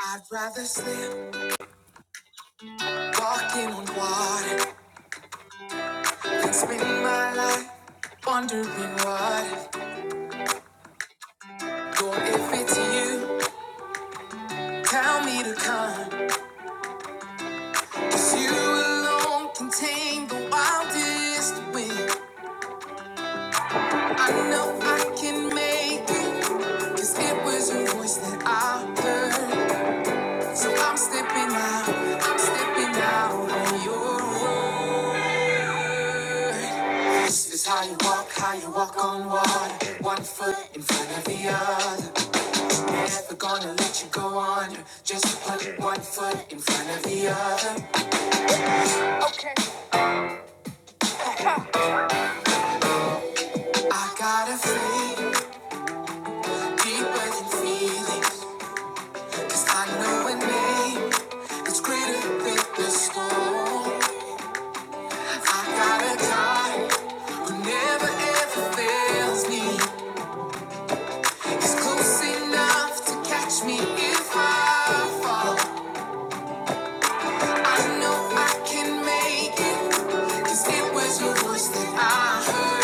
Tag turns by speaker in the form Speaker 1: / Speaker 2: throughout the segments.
Speaker 1: I'd rather slip walking on water than spend my life wondering what if. Or if it's you, tell me to come. 'Cause you alone can tame the wildest wind. I know I can make it. 'Cause it was your voice that I heard. So I'm stepping out, I'm stepping out on your word. This is how you walk, how you walk on water. One foot in front of the other. Never gonna let you go under. Just put one foot in front of the other. Okay. I got a feeling deeper than feelings, 'cause I know a name. It's greater than the storm. I got a God who never ever fails me. He's close enough to catch me if I fall. I know I can make it, 'cause it was your voice that I heard.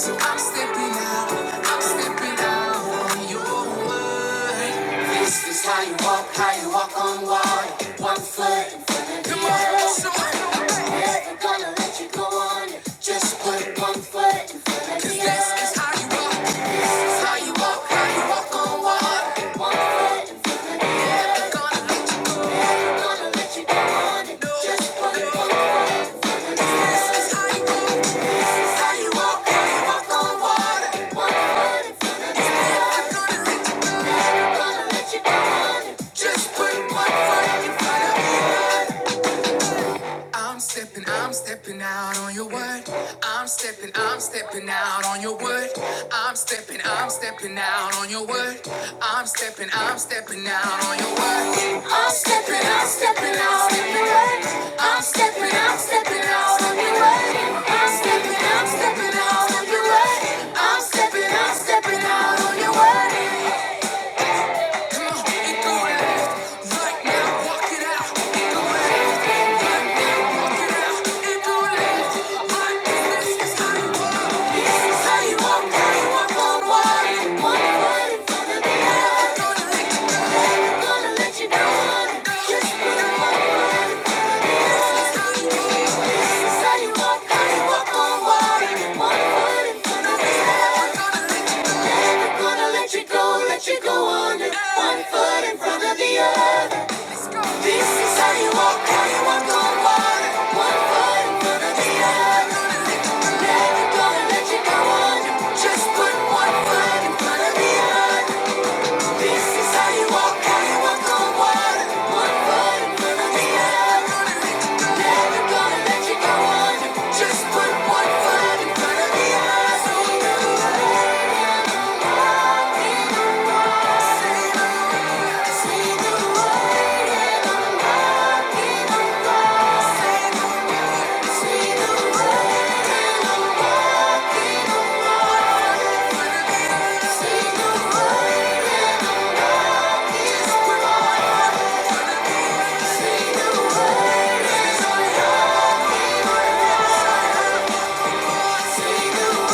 Speaker 1: So I'm stepping out, I'm stepping out on your word. This is how you walk, how you walk on water. One foot in front of the Come on, other. somebody. I'm never gonna let you go on. Just put one foot in front of 'Cause the this other. is how you walk, this is how you walk, how you walk on water. One foot in front of the other. Never gonna let you, gonna let you go on. No, Just put no. one foot in front of the This is other. how you walk. Just put one foot in front of the other. I'm stepping, I'm stepping out on your word. I'm stepping, I'm stepping out on your word. I'm stepping, I'm stepping out on your word. I'm stepping, I'm stepping out on your word. I'm stepping, I'm stepping out on your word. I'm stepping, I'm stepping out on your word. I'm stepping, I'm stepping out on your word. I'm stepping, I'm stepping out on your word. Walk on water, one foot in front of the other. Gonna let you go. Gonna let you go, let you go under. One foot in front of the other. This is how you walk, how you walk on water. One foot in front of the other. Never gonna let you go under. Just put one foot in front of the other. This is how you walk, how you walk on water. One foot in front of the other. Never gonna let you go under. Just put one foot in front of the other. Say the word.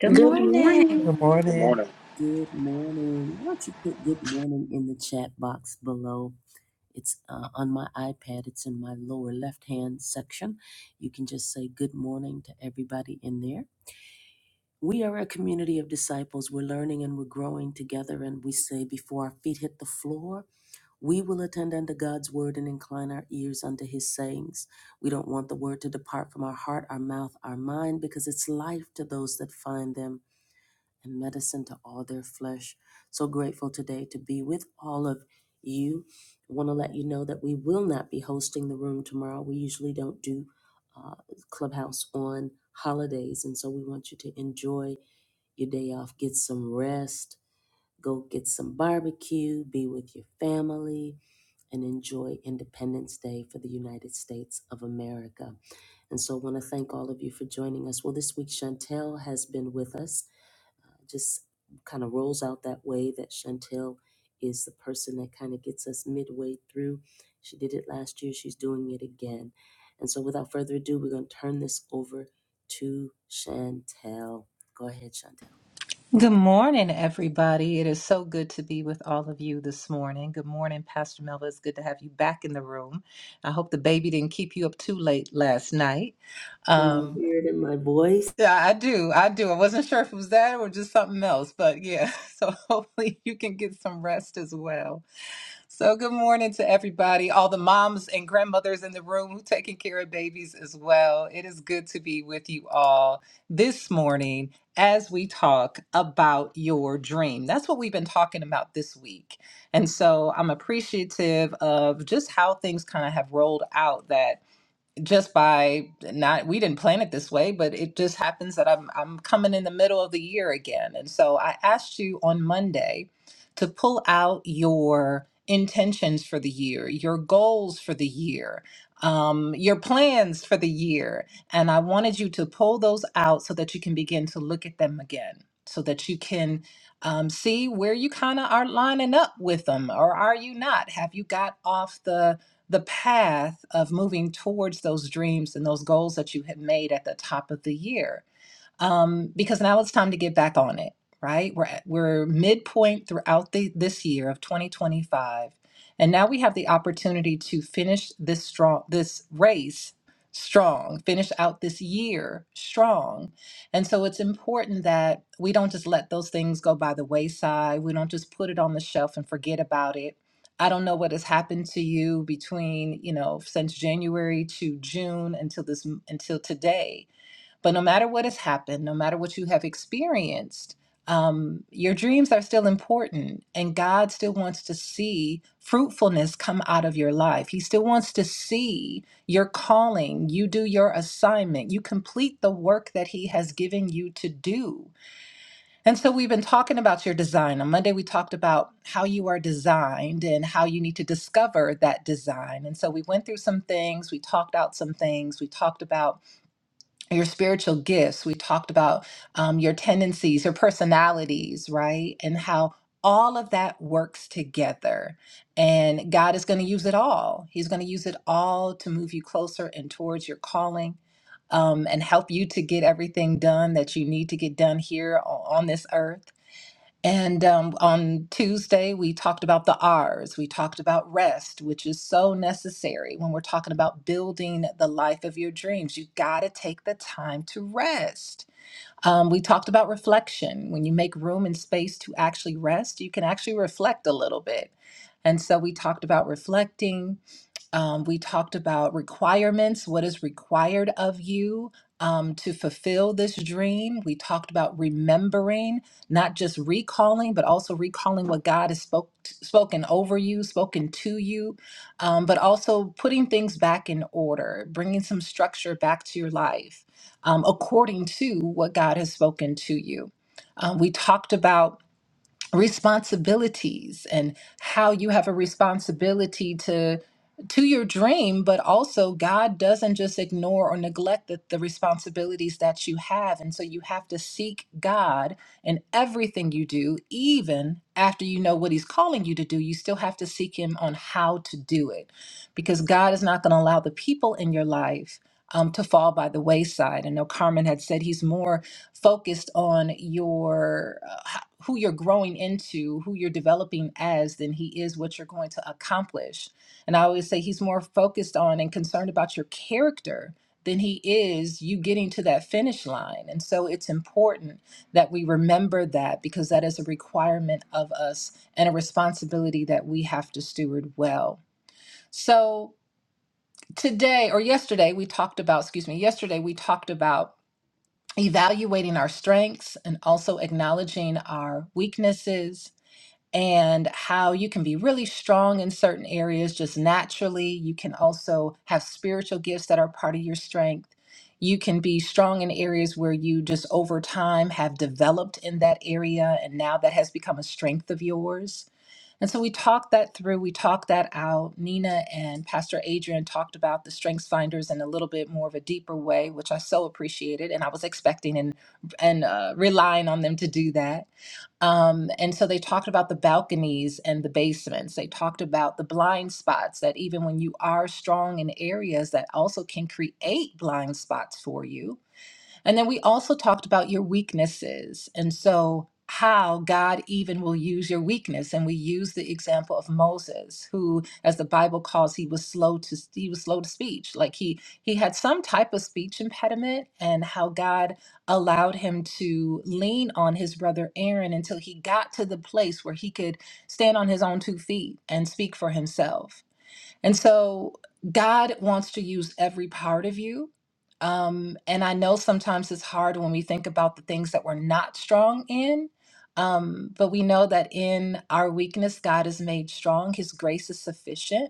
Speaker 2: Good
Speaker 3: Good
Speaker 2: morning.
Speaker 4: Good
Speaker 3: morning.
Speaker 5: Good
Speaker 4: morning.
Speaker 5: morning.
Speaker 6: Good morning, everybody. It is so good to be with all of you this morning. Good morning, Pastor Melva. It's good to have you back in the room. I hope the baby didn't keep you up too late last night. Um, yeah, I do. I do. I wasn't sure if it was that or just something else, but yeah. So hopefully you can get some rest as well. So, good morning to everybody, all the moms and grandmothers in the room who taking care of babies as well. It is good to be with you all this morning as we talk about your dream. That's what we've been talking about this week. And so, I'm appreciative of just how things kind of have rolled out that just by not we didn't plan it this way but it just happens that I'm I'm coming in the middle of the year again and so I asked you on Monday to pull out your intentions for the year your goals for the year um, your plans for the year and I wanted you to pull those out so that you can begin to look at them again so that you can um, see where you kind of are lining up with them or are you not have you got off the the path of moving towards those dreams and those goals that you had made at the top of the year um, because now it's time to get back on it, right? We're at, we're midpoint throughout the this year of 2025, and now we have the opportunity to finish this strong this race strong, finish out this year strong. And so it's important that we don't just let those things go by the wayside. We don't just put it on the shelf and forget about it. I don't know what has happened to you between, you know, since January to June until this until today but no matter what has happened, no matter what you have experienced, um, your dreams are still important, and God still wants to see fruitfulness come out of your life. He still wants to see your calling, you do your assignment, you complete the work that He has given you to do. And so we've been talking about your design. On Monday, we talked about how you are designed and how you need to discover that design. And so we went through some things, we talked out some things, we talked about your spiritual gifts. We talked about um, your tendencies, your personalities, right? And how all of that works together. And God is going to use it all. He's going to use it all to move you closer and towards your calling um, and help you to get everything done that you need to get done here o- on this earth and um, on Tuesday, we talked about the R's. We talked about rest, which is so necessary when we're talking about building the life of your dreams. You got to take the time to rest. Um, we talked about reflection. When you make room and space to actually rest, you can actually reflect a little bit. And so we talked about reflecting. Um, we talked about requirements, what is required of you um, to fulfill this dream. We talked about remembering, not just recalling, but also recalling what God has spoke, spoken over you, spoken to you, um, but also putting things back in order, bringing some structure back to your life um, according to what God has spoken to you. Um, we talked about responsibilities and how you have a responsibility to to your dream but also god doesn't just ignore or neglect the, the responsibilities that you have and so you have to seek god in everything you do even after you know what he's calling you to do you still have to seek him on how to do it because god is not going to allow the people in your life um, to fall by the wayside i know carmen had said he's more focused on your uh, who you're growing into, who you're developing as, than he is what you're going to accomplish. And I always say he's more focused on and concerned about your character than he is you getting to that finish line. And so it's important that we remember that because that is a requirement of us and a responsibility that we have to steward well. So today or yesterday we talked about, excuse me, yesterday we talked about evaluating our strengths and also acknowledging our weaknesses and how you can be really strong in certain areas just naturally. You can also have spiritual gifts that are part of your strength. You can be strong in areas where you just over time have developed in that area, and now that has become a strength of yours. And so we talked that through, we talked that out. Nina and Pastor Adrian talked about the strengths finders in a little bit more of a deeper way, which I so appreciated, and I was expecting and and uh, relying on them to do that. Um, and so they talked about the balconies and the basements. They talked about the blind spots that even when you are strong in areas that also can create blind spots for you, and then we also talked about your weaknesses. And so, how God even will use your weakness. And we used the example of Moses, who, as the Bible calls, he was slow to he was slow to speech. Like he he had some type of speech impediment, and how God allowed him to lean on his brother Aaron until he got to the place where he could stand on his own two feet and speak for himself. And so God wants to use every part of you. Um, and I know sometimes it's hard when we think about the things that we're not strong in. Um, but we know that in our weakness, God is made strong. His grace is sufficient.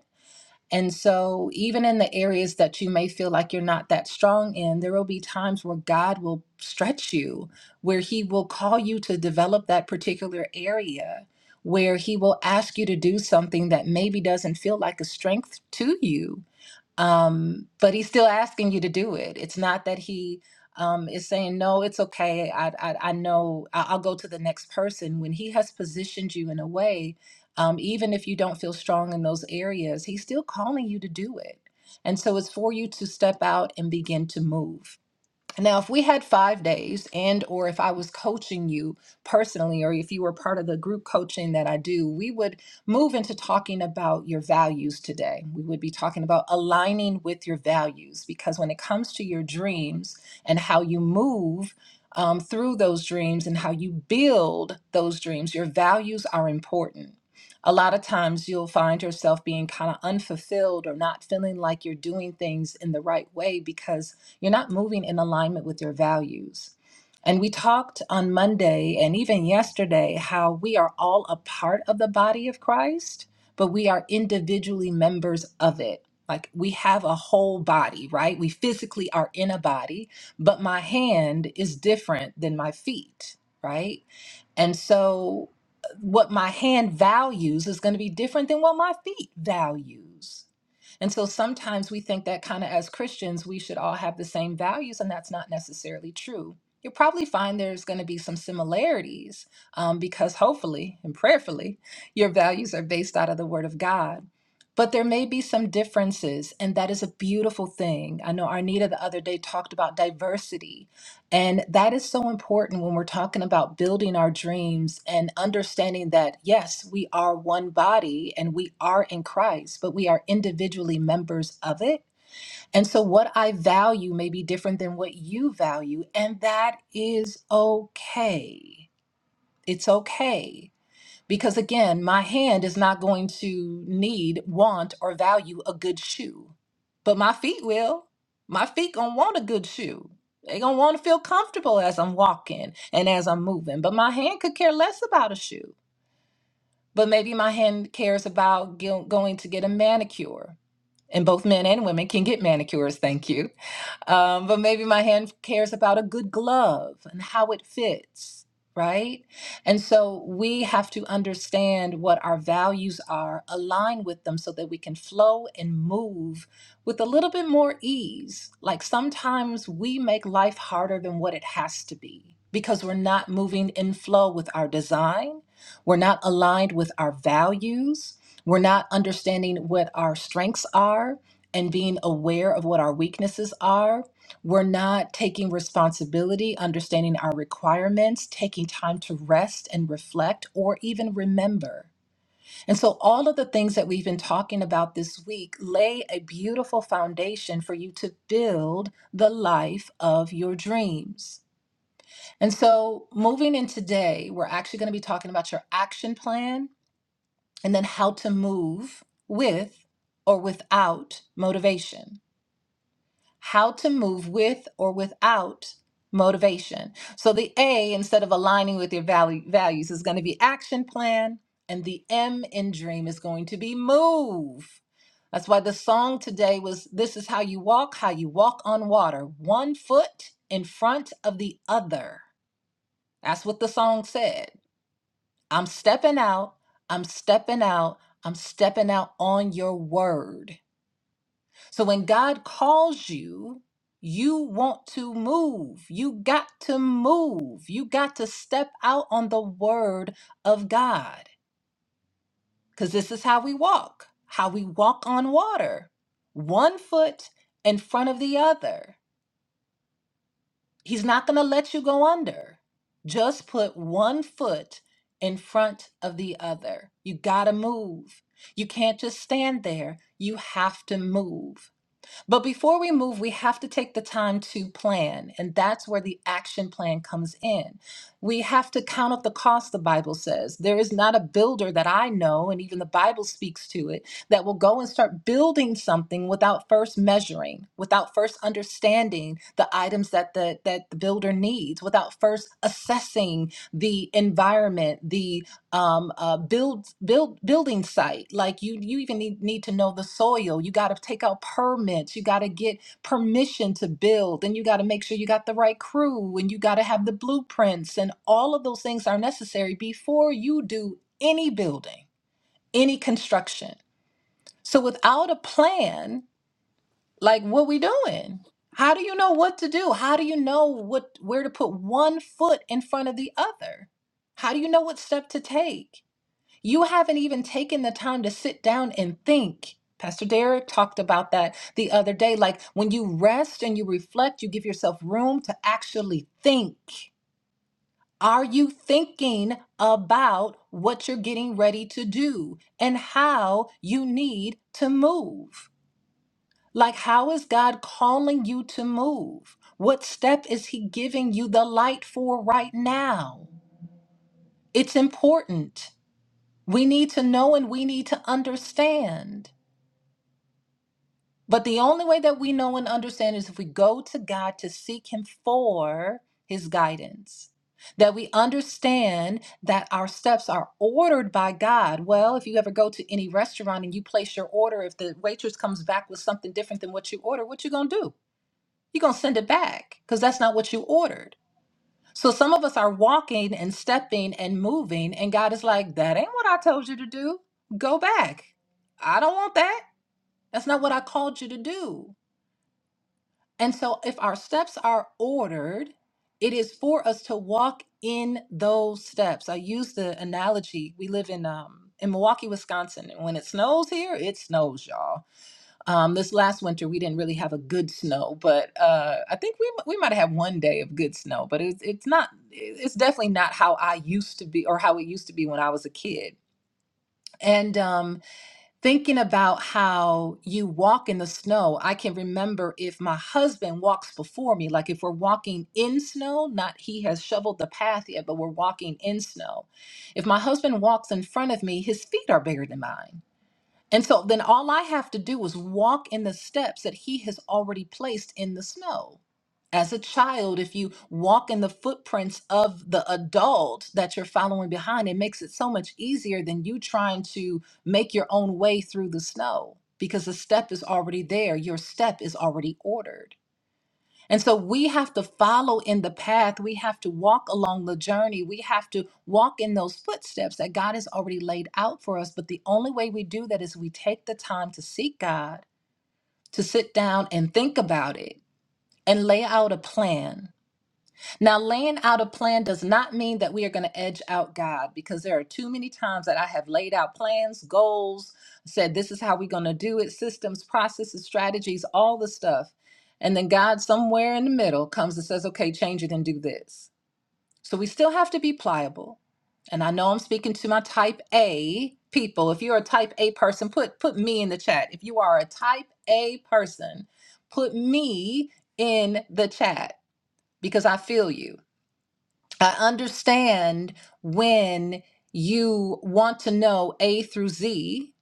Speaker 6: And so, even in the areas that you may feel like you're not that strong in, there will be times where God will stretch you, where He will call you to develop that particular area, where He will ask you to do something that maybe doesn't feel like a strength to you um, but he's still asking you to do it. It's not that he um, is saying no, it's okay. I I, I know I- I'll go to the next person. When he has positioned you in a way, um, even if you don't feel strong in those areas, he's still calling you to do it. And so it's for you to step out and begin to move. Now, if we had five days, and or if I was coaching you personally, or if you were part of the group coaching that I do, we would move into talking about your values today. We would be talking about aligning with your values because when it comes to your dreams and how you move um, through those dreams and how you build those dreams, your values are important. A lot of times you'll find yourself being kind of unfulfilled or not feeling like you're doing things in the right way because you're not moving in alignment with your values. And we talked on Monday and even yesterday how we are all a part of the body of Christ, but we are individually members of it. Like we have a whole body, right? We physically are in a body, but my hand is different than my feet, right? And so uh, what my hand values is going to be different than what my feet values. And so sometimes we think that kind of as Christians, we should all have the same values, and that's not necessarily true. You'll probably find there's going to be some similarities um, because hopefully and prayerfully, your values are based out of the Word of God. But there may be some differences, and that is a beautiful thing. I know Arnita the other day talked about diversity and that is so important when we're talking about building our dreams and understanding that, yes, we are one body and we are in Christ, but we are individually members of it. And so, what I value may be different than what you value, and that is okay. It's okay. Because again, my hand is not going to need, want, or value a good shoe. But my feet will. My feet gonna want a good shoe. They gonna want to feel comfortable as I'm walking and as I'm moving. But my hand could care less about a shoe. But maybe my hand cares about go- going to get a manicure and both men and women can get manicures, thank you. Um, but maybe my hand cares about a good glove and how it fits, right? And so we have to understand what our values are, align with them so that we can flow and move with a little bit more ease. Like sometimes we make life harder than what it has to be because we're not moving in flow with our design, we're not aligned with our values we're not understanding what our strengths are and being aware of what our weaknesses are. We're not taking responsibility, understanding our requirements, taking time to rest and reflect, or even remember. And so, all of the things that we've been talking about this week lay a beautiful foundation for you to build the life of your dreams. And so, moving in today, we're actually going to be talking about your action plan and then how to move with or without motivation. How to move with or without motivation. So the A, instead of aligning with your value, values, is going to be action plan, and the M in dream is going to be move. That's why the song today was This is How You Walk, How You Walk on Water, one foot in front of the other. That's what the song said. I'm stepping out. I'm stepping out. I'm stepping out on your word. So when God calls you, you want to move. You got to move. You got to step out on the word of God because this is how we walk, how we walk on water, one foot in front of the other. He's not going to let you go under. Just put one foot in front of the other. You got to move. You can't just stand there. You have to move. But before we move, we have to take the time to plan. And that's where the action plan comes in. We have to count up the cost, the Bible says. There is not a builder that I know, and even the Bible speaks to it, that will go and start building something without first measuring, without first understanding the items that the, that the builder needs, without first assessing the environment, The um, uh, build build building site. Like you you even need, need to know the soil. You got to take out permits. You got to get permission to build, and you got to make sure you got the right crew, and you got to have the blueprints, and all of those things are necessary before you do any building, any construction. So without a plan, like what we doing? How do you know what to do? How do you know what where to put one foot in front of the other? How do you know what step to take? You haven't even taken the time to sit down and think. Pastor Derek talked about that the other day. Like when you rest and you reflect, you give yourself room to actually think. Are you thinking about what you're getting ready to do and how you need to move? Like, how is God calling you to move? What step is He giving you the light for right now? It's important. We need to know and we need to understand. But the only way that we know and understand is if we go to God to seek Him for His guidance, that we understand that our steps are ordered by God. Well, if you ever go to any restaurant and you place your order, if the waitress comes back with something different than what you ordered, what you gonna do? you gonna send it back because that's not what you ordered. So some of us are walking and stepping and moving, and God is like, that ain't what I told you to do. Go back. I don't want that. That's not what I called you to do. And so, if our steps are ordered, it is for us to walk in those steps. I use the analogy we live in um, in Milwaukee, Wisconsin, and when it snows here, it snows, y'all. Um, this last winter, we didn't really have a good snow, but uh, I think we we might have had one day of good snow, but it's it's not it's definitely not how I used to be or how it used to be when I was a kid. And um, thinking about how you walk in the snow, I can remember if my husband walks before me, like if we're walking in snow, not he has shoveled the path yet, but we're walking in snow. If my husband walks in front of me, his feet are bigger than mine and so then all I have to do is walk in the steps that he has already placed in the snow. As a child, if you walk in the footprints of the adult that you're following behind, it makes it so much easier than you trying to make your own way through the snow because the step is already there. Your step is already ordered. And so we have to follow in the path. We have to walk along the journey. We have to walk in those footsteps that God has already laid out for us. But the only way we do that is we take the time to seek God, to sit down and think about it and lay out a plan now, laying out a plan does not mean that we are going to edge out God because there are too many times that I have laid out plans, goals, said this is how we're going to do it, systems, processes, strategies, all the stuff. And then God, somewhere in the middle, comes and says, okay, change it and do this. So we still have to be pliable. And I know I'm speaking to my type A people. If you're a type A person, put put me in the chat. If you are a type A person, put me in the chat because I feel you. I understand when you want to know A through Z.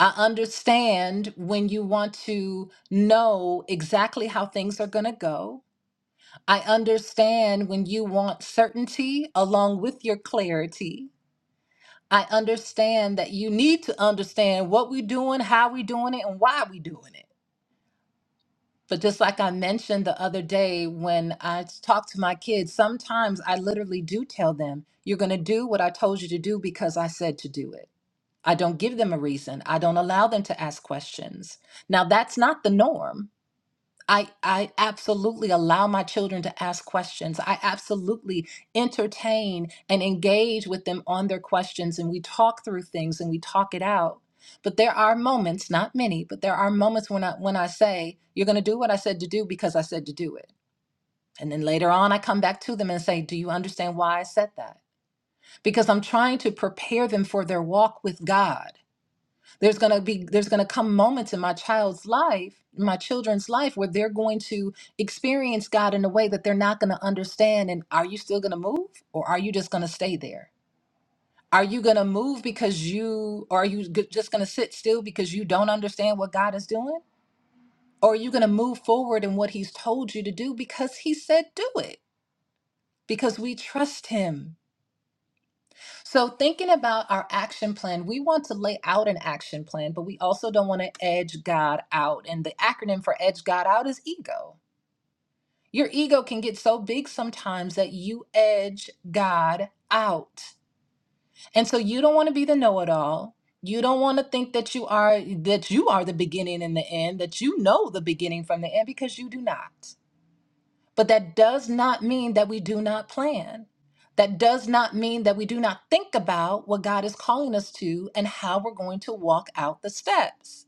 Speaker 6: I understand when you want to know exactly how things are going to go. I understand when you want certainty along with your clarity. I understand that you need to understand what we're doing, how we're doing it, and why we're doing it. But just like I mentioned the other day when I talk to my kids, sometimes I literally do tell them, you're going to do what I told you to do because I said to do it. I don't give them a reason. I don't allow them to ask questions. Now, that's not the norm I, I absolutely allow my children to ask questions. I absolutely entertain and engage with them on their questions, and we talk through things and we talk it out. But there are moments, not many, but there are moments when I when I say, "You're going to do what I said to do because I said to do it," and then later on, I come back to them and say, "Do you understand why I said that?" Because I'm trying to prepare them for their walk with God there's going to be there's going to come moments in my child's life my children's life where they're going to experience god in a way that they're not going to understand and are you still going to move or are you just going to stay there are you going to move because you or are you g- just going to sit still because you don't understand what god is doing or are you going to move forward in what he's told you to do because he said do it because we trust him So, thinking about our action plan, we want to lay out an action plan, but we also don't want to edge God out. And the acronym for edge God out is ego. Your ego can get so big sometimes that you edge God out. And so you don't want to be the know-it-all. You don't want to think that you are that you are the beginning and the end, that you know the beginning from the end because you do not. But that does not mean that we do not plan. That does not mean that we do not think about what God is calling us to and how we're going to walk out the steps.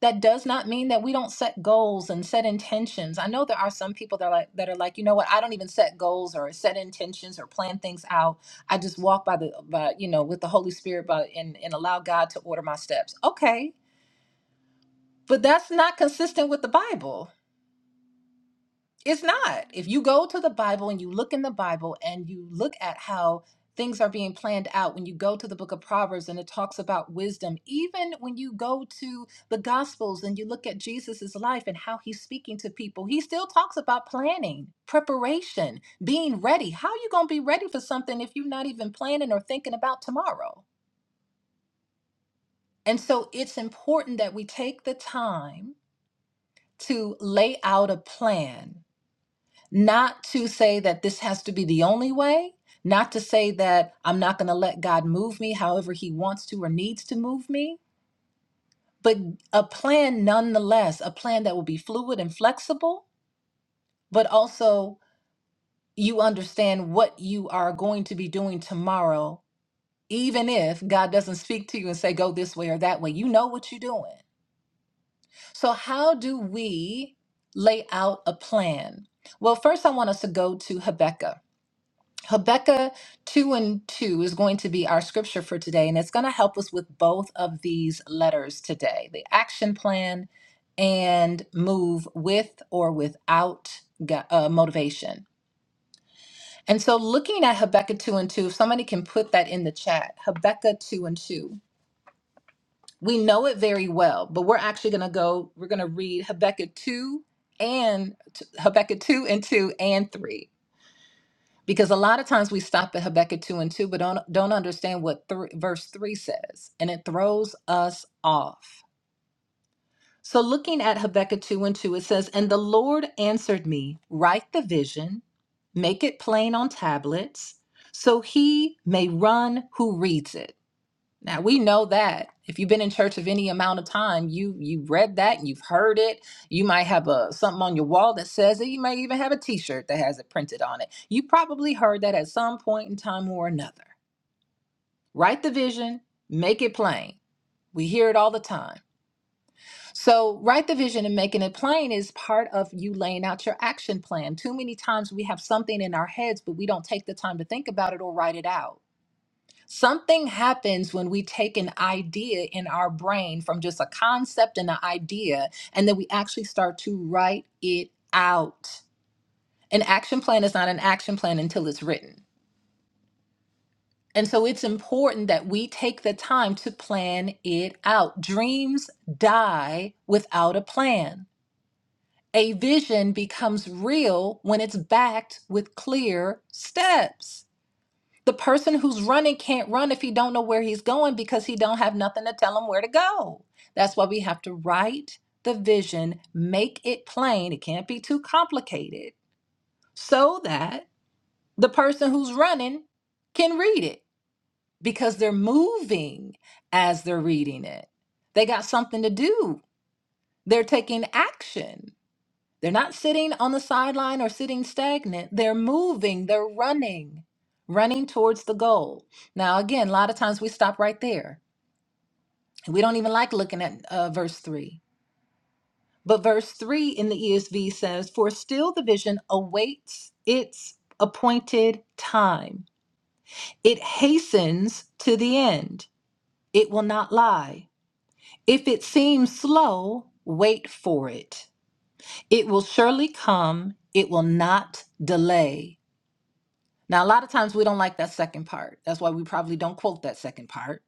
Speaker 6: That does not mean that we don't set goals and set intentions. I know there are some people that are like that are like, you know what, I don't even set goals or set intentions or plan things out. I just walk by the by, you know, with the Holy Spirit by and, and allow God to order my steps. Okay. But that's not consistent with the Bible it's not. If you go to the Bible and you look in the Bible and you look at how things are being planned out, when you go to the book of Proverbs and it talks about wisdom, even when you go to the Gospels and you look at Jesus's life and how he's speaking to people, he still talks about planning, preparation, being ready. How are you going to be ready for something if you're not even planning or thinking about tomorrow? And so it's important that we take the time to lay out a plan not to say that this has to be the only way, not to say that I'm not going to let God move me however He wants to or needs to move me, but a plan nonetheless, a plan that will be fluid and flexible, but also you understand what you are going to be doing tomorrow, even if God doesn't speak to you and say, go this way or that way. You know what you're doing. So, how do we lay out a plan? Well, first, I want us to go to Habakkuk. Habakkuk 2 and 2 is going to be our scripture for today, and it's going to help us with both of these letters today the action plan and move with or without go- uh, motivation. And so, looking at Habakkuk 2 and 2, if somebody can put that in the chat, Habakkuk 2 and 2, we know it very well, but we're actually going to go, we're going to read Habakkuk 2 and Habakkuk 2 and 2 and 3. because a lot of times we stop at Habakkuk 2 and 2 but don't don't understand what thr verse 3 says and it throws us off so looking at Habakkuk 2 and 2 it says and the lord answered me write the vision make it plain on tablets so he may run who reads it now we know that if you've been in church of any amount of time, you you read that, you've heard it. You might have a something on your wall that says it. You might even have a T-shirt that has it printed on it. You probably heard that at some point in time or another. Write the vision, make it plain. We hear it all the time. So write the vision and making it plain is part of you laying out your action plan. Too many times we have something in our heads, but we don't take the time to think about it or write it out. Something happens when we take an idea in our brain from just a concept and an idea, and then we actually start to write it out. An action plan is not an action plan until it's written. And so it's important that we take the time to plan it out. Dreams die without a plan. A vision becomes real when it's backed with clear steps. The person who's running can't run if he don't know where he's going because he don't have nothing to tell him where to go. That's why we have to write the vision, make it plain. It can't be too complicated so that the person who's running can read it because they're moving as they're reading it. They got something to do. They're taking action. They're not sitting on the sideline or sitting stagnant. They're moving, they're running, running towards the goal. Now, again, a lot of times we stop right there. We don't even like looking at uh, verse 3. But verse 3 in the ESV says, For still the vision awaits its appointed time. It hastens to the end. It will not lie. If it seems slow, wait for it. It will surely come. It will not delay. Now, a lot of times we don't like that second part. That's why we probably don't quote that second part.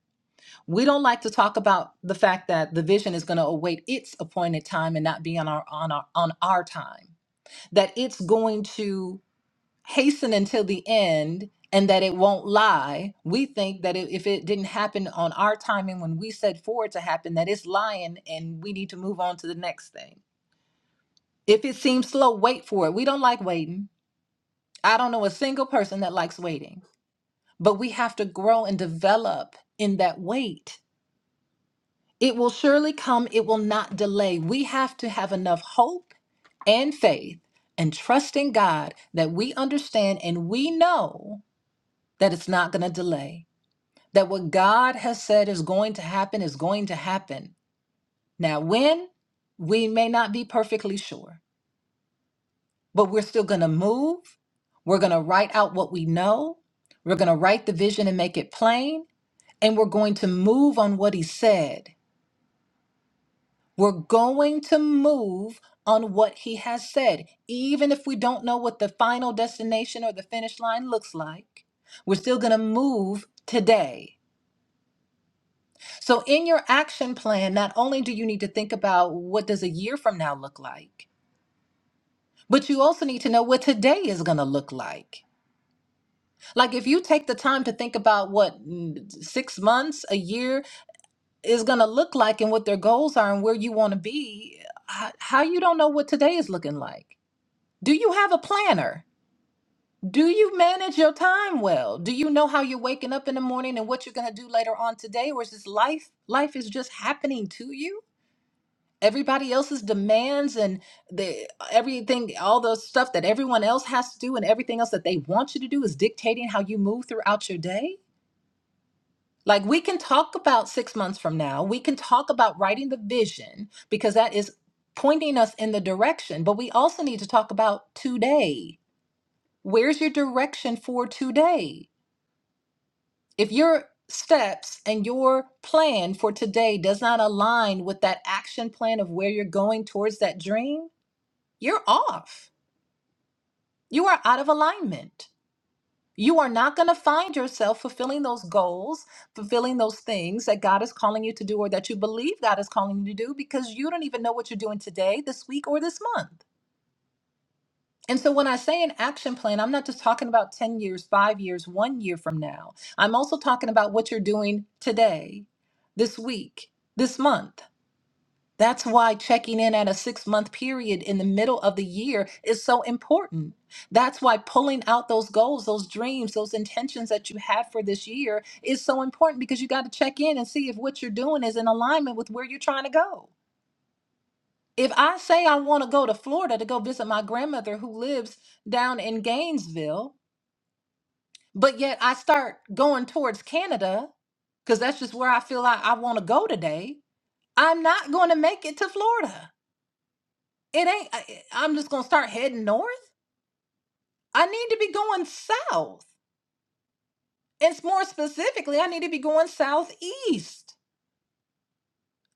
Speaker 6: We don't like to talk about the fact that the vision is going to await its appointed time and not be on our on our on our time. That it's going to hasten until the end and that it won't lie. We think that it, if it didn't happen on our timing when we said for it to happen, that it's lying and we need to move on to the next thing. If it seems slow, wait for it. We don't like waiting. I don't know a single person that likes waiting but we have to grow and develop in that wait. It will surely come, it will not delay. We have to have enough hope and faith and trust in God that we understand and we know that it's not going to delay, that what God has said is going to happen is going to happen. Now, when we may not be perfectly sure, but we're still going to move. We're going to write out what we know. We're going to write the vision and make it plain and we're going to move on what he said. We're going to move on what he has said, even if we don't know what the final destination or the finish line looks like. We're still going to move today. So in your action plan, not only do you need to think about what does a year from now look like, but you also need to know what today is going to look like. Like if you take the time to think about what mm, 6 months, a year, is going to look like and what their goals are and where you want to be, how, how you don't know what today is looking like. Do you have a planner? Do you manage your time well? Do you know how you're waking up in the morning and what you're going to do later on today or is this life life is just happening to you? Everybody else's demands and the everything all the stuff that everyone else has to do and everything else that they want you to do is dictating how you move throughout your day? Like we can talk about six months from now, we can talk about writing the vision because that is pointing us in the direction, but we also need to talk about today. Where's your direction for today? If your steps and your plan for today does not align with that action plan of where you're going towards that dream, you're off. You are out of alignment. You are not going to find yourself fulfilling those goals, fulfilling those things that God is calling you to do or that you believe God is calling you to do because you don't even know what you're doing today, this week, or this month. And so when I say an action plan, I'm not just talking about 10 years, five years, one year from now. I'm also talking about what you're doing today, this week, this month that's why checking in at a six month period in the middle of the year is so important. That's why pulling out those goals, those dreams, those intentions that you have for this year is so important because you got to check in and see if what you're doing is in alignment with where you're trying to go. If I say I want to go to Florida to go visit my grandmother who lives down in Gainesville, but yet I start going towards Canada because that's just where I feel I, I want to go today, I'm not going to make it to Florida. it ain't I, i'm just gonna start heading north i need to be going south and s- more specifically i need to be going southeast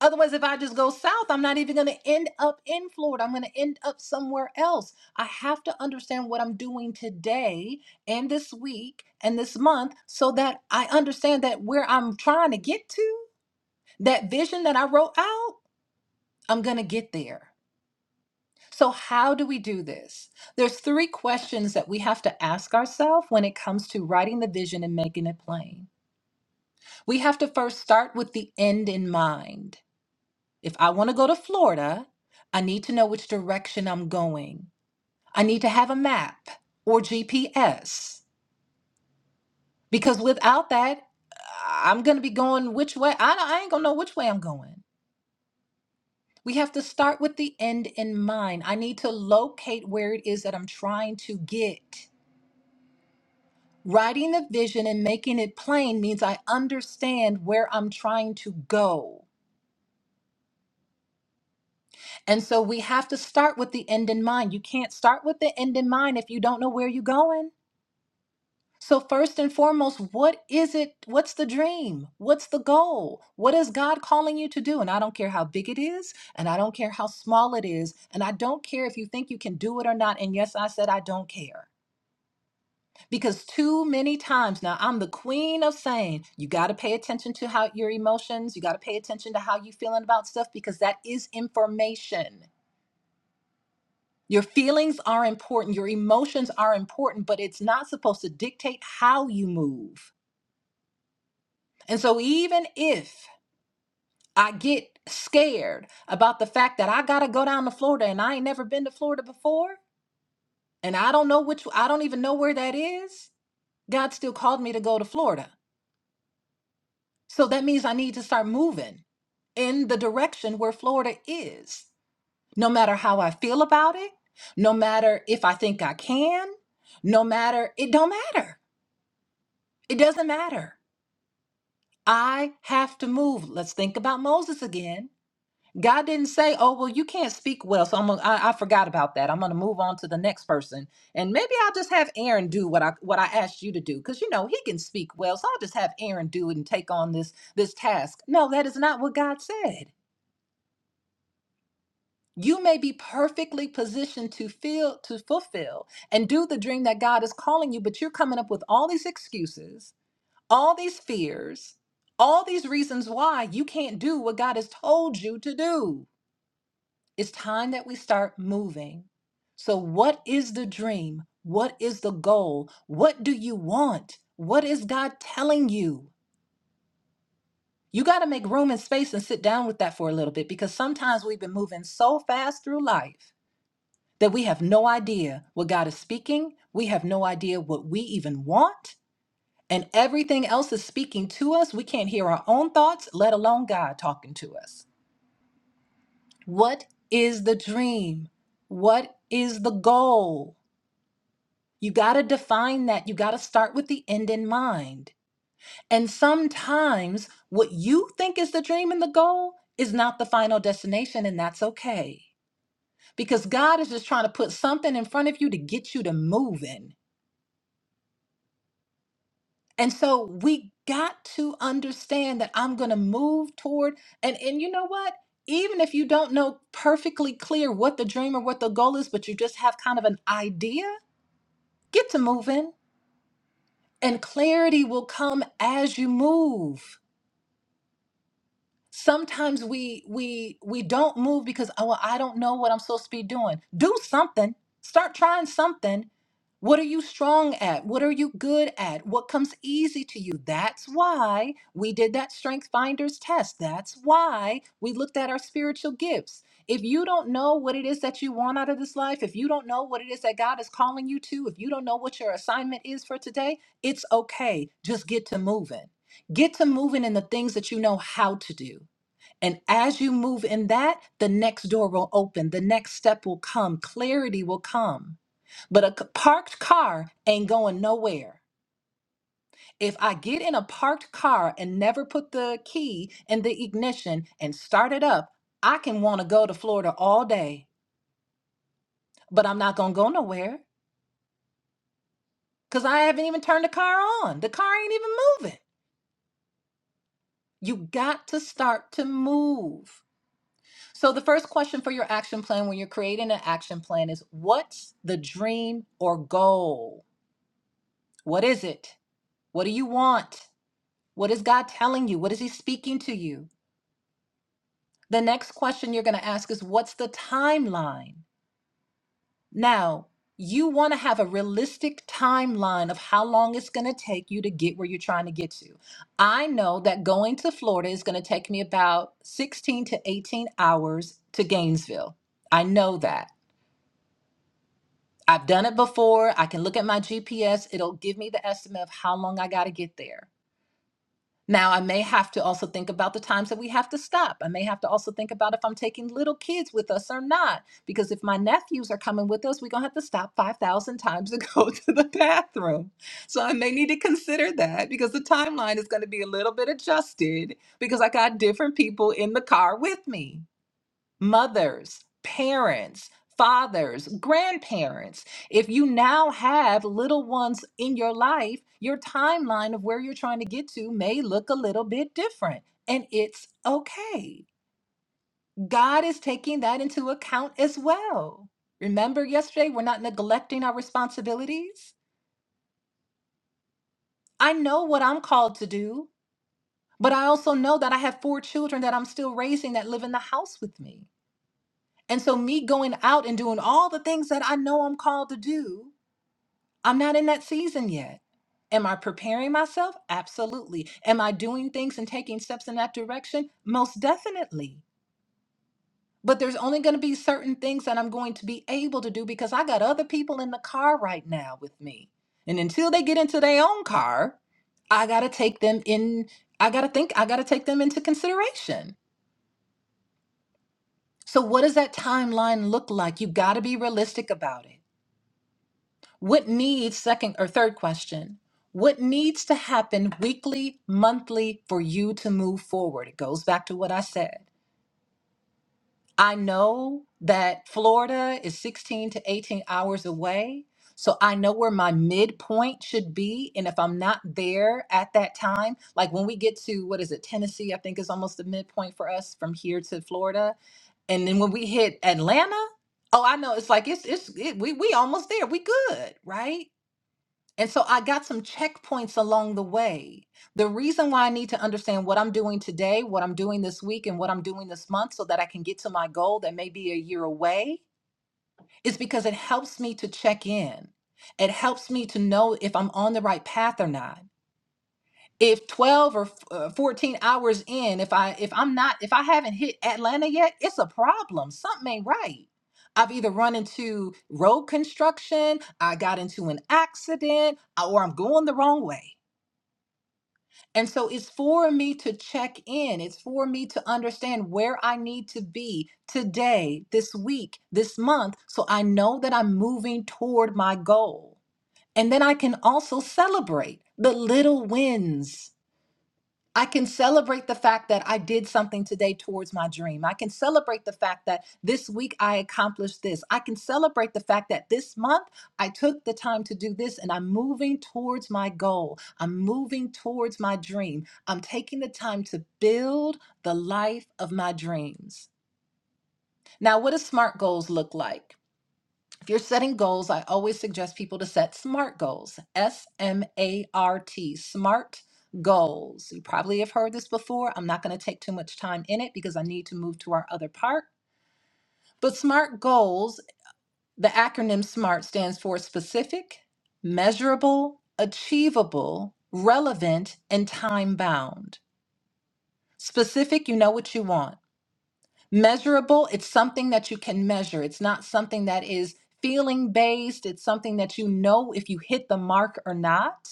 Speaker 6: otherwise if i just go south i'm not even gonna end up in florida i'm gonna end up somewhere else i have to understand what i'm doing today and this week and this month so that i understand that where i'm trying to get to that vision that i wrote out i'm gonna get there So, how do we do this? There's three questions that we have to ask ourselves when it comes to writing the vision and making it plain. We have to first start with the end in mind. If I want to go to Florida, I need to know which direction I'm going. I need to have a map or GPS because without that, I'm going to be going which way. I, I ain't going to know which way I'm going. We have to start with the end in mind. I need to locate where it is that I'm trying to get. Writing the vision and making it plain means I understand where I'm trying to go. And so we have to start with the end in mind. You can't start with the end in mind if you don't know where you're going. So, first and foremost, what is it? What's the dream? What's the goal? What is God calling you to do? And I don't care how big it is, and I don't care how small it is, and I don't care if you think you can do it or not. And yes, I said I don't care. because too many times now i'm the queen of saying you got to pay attention to how your emotions you got to pay attention to how you feeling about stuff because that is information your feelings are important your emotions are important but it's not supposed to dictate how you move and so even if i get scared about the fact that i got to go down to florida and i ain't never been to florida before and i don't know which i don't even know where that is god still called me to go to florida So that means I need to start moving in the direction where Florida is. No matter how I feel about it, no matter if I think I can, no matter, it don't matter. It doesn't matter. I have to move. Let's think about Moses again. God didn't say, "Oh, well, you can't speak well, so I'm gonna, I, I forgot about that. I'm going to move on to the next person, and maybe I'll just have Aaron do what I what I asked you to do, because you know he can speak well, so I'll just have Aaron do it and take on this this task." No, that is not what God said. you may be perfectly positioned to feel to fulfill and do the dream that God is calling you, but you're coming up with all these excuses, all these fears, all these reasons why you can't do what God has told you to do. It's time that we start moving. So, what is the dream? What is the goal? What do you want? What is God telling you? You got to make room and space and sit down with that for a little bit because sometimes we've been moving so fast through life that we have no idea what God is speaking. We have no idea what we even want. And everything else is speaking to us. We can't hear our own thoughts, let alone God talking to us. What is the dream? What is the goal? You got to define that. You got to start with the end in mind. And sometimes what you think is the dream and the goal is not the final destination, and that's okay. Because God is just trying to put something in front of you to get you to moving And so we got to understand that I'm going to move toward and and you know what? Even if you don't know perfectly clear what the dream or what the goal is, but you just have kind of an idea, get to moving and clarity will come as you move. sometimes we we we don't move because oh well, i don't know what i'm supposed to be doing do something start trying something what are you strong at what are you good at what comes easy to you that's why we did that strength finders test that's why we looked at our spiritual gifts if you don't know what it is that you want out of this life if you don't know what it is that god is calling you to if you don't know what your assignment is for today it's okay just get to moving get to moving in the things that you know how to do and as you move in that, the next door will open, the next step will come, clarity will come. But a c- parked car ain't going nowhere. If I get in a parked car and never put the key in the ignition and start it up, I can want to go to Florida all day, but I'm not going to go nowhere because I haven't even turned the car on. The car ain't even moving. You got to start to move. So, the first question for your action plan when you're creating an action plan is what's the dream or goal? What is it? What do you want? What is God telling you? What is He speaking to you? The next question you're going to ask is what's the timeline? Now, you want to have a realistic timeline of how long it's going to take you to get where you're trying to get to. I know that going to Florida is going to take me about 16 to 18 hours to Gainesville. I know that. I've done it before. I can look at my GPS. It'll give me the estimate of how long I got to get there. Now, I may have to also think about the times that we have to stop. I may have to also think about if I'm taking little kids with us or not. Because if my nephews are coming with us, we're going to have to stop 5,000 times to go to the bathroom. So I may need to consider that because the timeline is going to be a little bit adjusted because I got different people in the car with me mothers, parents, fathers, grandparents. If you now have little ones in your life, your timeline of where you're trying to get to may look a little bit different. And it's okay. God is taking that into account as well. Remember yesterday, we're not neglecting our responsibilities. I know what I'm called to do, but I also know that I have four children that I'm still raising that live in the house with me. And so, me going out and doing all the things that I know I'm called to do, I'm not in that season yet. Am I preparing myself? Absolutely. Am I doing things and taking steps in that direction? Most definitely. But there's only going to be certain things that I'm going to be able to do because I got other people in the car right now with me. And until they get into their own car, I got to take them in. I got to think, I got to take them into consideration. So, what does that timeline look like? You got to be realistic about it. What needs, second or third question, what needs to happen weekly, monthly for you to move forward? It goes back to what I said. I know that Florida is 16 to 18 hours away. So I know where my midpoint should be. And if I'm not there at that time, like when we get to, what is it, Tennessee, I think is almost the midpoint for us from here to Florida. And then when we hit Atlanta, oh, I know it's like, it's, it's, it, we, we almost there. We good, right? And so I got some checkpoints along the way. The reason why I need to understand what I'm doing today, what I'm doing this week, and what I'm doing this month so that I can get to my goal that may be a year away is because it helps me to check in. It helps me to know if I'm on the right path or not if 12 or uh, 14 hours in if i if i'm not if i haven't hit atlanta yet it's a problem something ain't right i've either run into road construction i got into an accident uh, or i'm going the wrong way and so it's for me to check in it's for me to understand where i need to be today this week this month so i know that i'm moving toward my goal and then i can also celebrate the little wins I can celebrate the fact that I did something today towards my dream. I can celebrate the fact that this week I accomplished this. I can celebrate the fact that this month I took the time to do this and I'm moving towards my goal. I'm moving towards my dream. I'm taking the time to build the life of my dreams. Now, what do SMART goals look like? If you're setting goals, I always suggest people to set SMART goals. S M A R T, SMART goals. You probably have heard this before. I'm not going to take too much time in it because I need to move to our other part. But SMART goals, the acronym SMART stands for specific, measurable, achievable, relevant, and time bound. Specific, you know what you want. Measurable, it's something that you can measure. It's not something that is feeling based. It's something that you know if you hit the mark or not.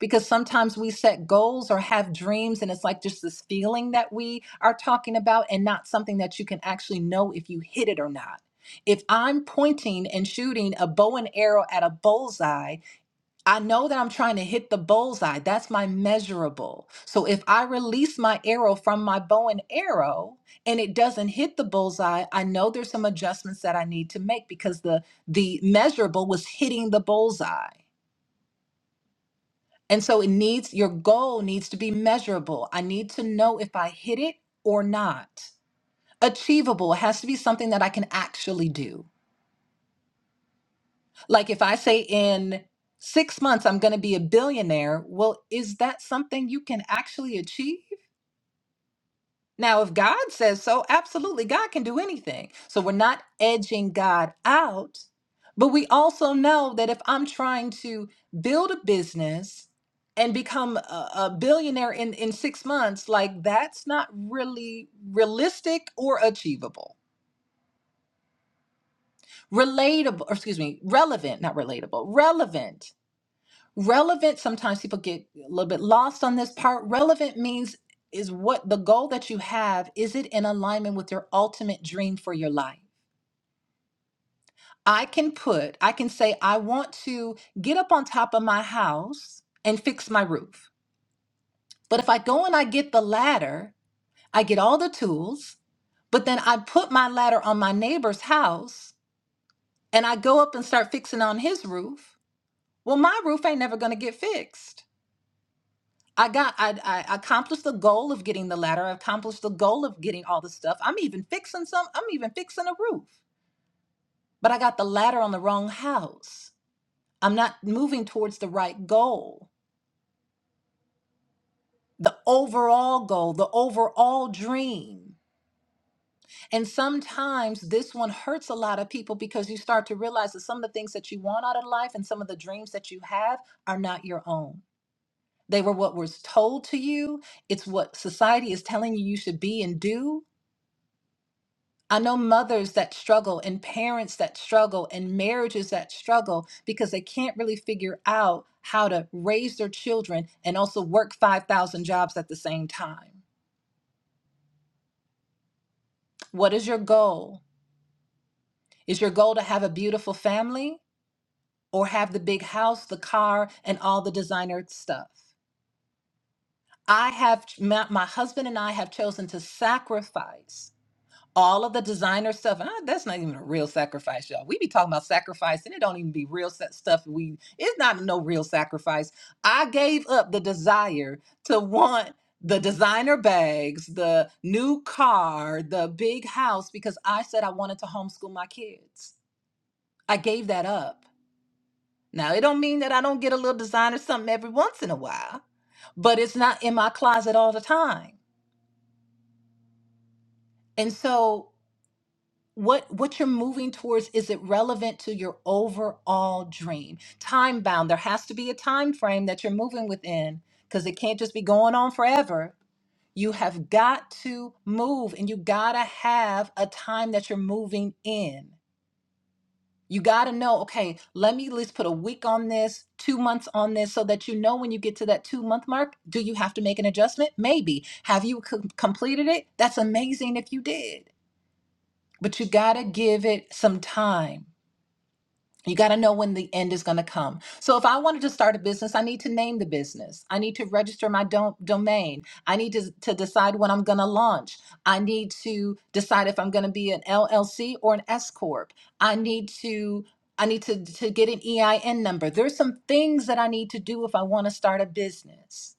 Speaker 6: Because sometimes we set goals or have dreams, and it's like just this feeling that we are talking about, and not something that you can actually know if you hit it or not. If I'm pointing and shooting a bow and arrow at a bullseye, I know that I'm trying to hit the bullseye. That's my measurable. So if I release my arrow from my bow and arrow and it doesn't hit the bullseye, I know there's some adjustments that I need to make because the the measurable was hitting the bullseye. And so it needs your goal needs to be measurable. I need to know if I hit it or not. Achievable it has to be something that I can actually do. Like if I say in six months I'm going to be a billionaire, well, is that something you can actually achieve? Now, if God says so, absolutely, God can do anything. So we're not edging God out, but we also know that if I'm trying to build a business and become a, a billionaire in, in six months, like that's not really realistic or achievable relatable or excuse me relevant not relatable relevant relevant sometimes people get a little bit lost on this part relevant means is what the goal that you have is it in alignment with your ultimate dream for your life i can put i can say i want to get up on top of my house and fix my roof but if i go and i get the ladder i get all the tools but then i put my ladder on my neighbor's house and i go up and start fixing on his roof well my roof ain't never going to get fixed I got I, I accomplished the goal of getting the ladder. I accomplished the goal of getting all the stuff. I'm even fixing some. I'm even fixing a roof. But I got the ladder on the wrong house. I'm not moving towards the right goal, the overall goal, the overall dream. And sometimes this one hurts a lot of people because you start to realize that some of the things that you want out of life and some of the dreams that you have are not your own. They were what was told to you. It's what society is telling you you should be and do I know mothers that struggle and parents that struggle and marriages that struggle because they can't really figure out how to raise their children and also work 5,000 jobs at the same time. What is your goal? Is your goal to have a beautiful family or have the big house, the car, and all the designer stuff? I have, my, my husband and I have chosen to sacrifice all of the designer stuff uh, that's not even a real sacrifice y'all we be talking about sacrifice and it don't even be real sa- stuff we it's not no real sacrifice i gave up the desire to want the designer bags the new car the big house because i said i wanted to homeschool my kids i gave that up now it don't mean that i don't get a little designer something every once in a while but it's not in my closet all the time and so what what you're moving towards is it relevant to your overall dream time bound there has to be a time frame that you're moving within because it can't just be going on forever you have got to move and you gotta have a time that you're moving in you gotta know okay let me at least put a week on this two months on this so that you know when you get to that two month mark do you have to make an adjustment maybe have you com- completed it that's amazing if you did but you gotta give it some time You got to know when the end is going to come. So if I wanted to start a business, I need to name the business. I need to register my dom- domain. I need to, to decide when I'm going to launch. I need to decide if I'm going to be an LLC or an S corp. I need to I need to to get an EIN number. There's some things that I need to do if I want to start a business.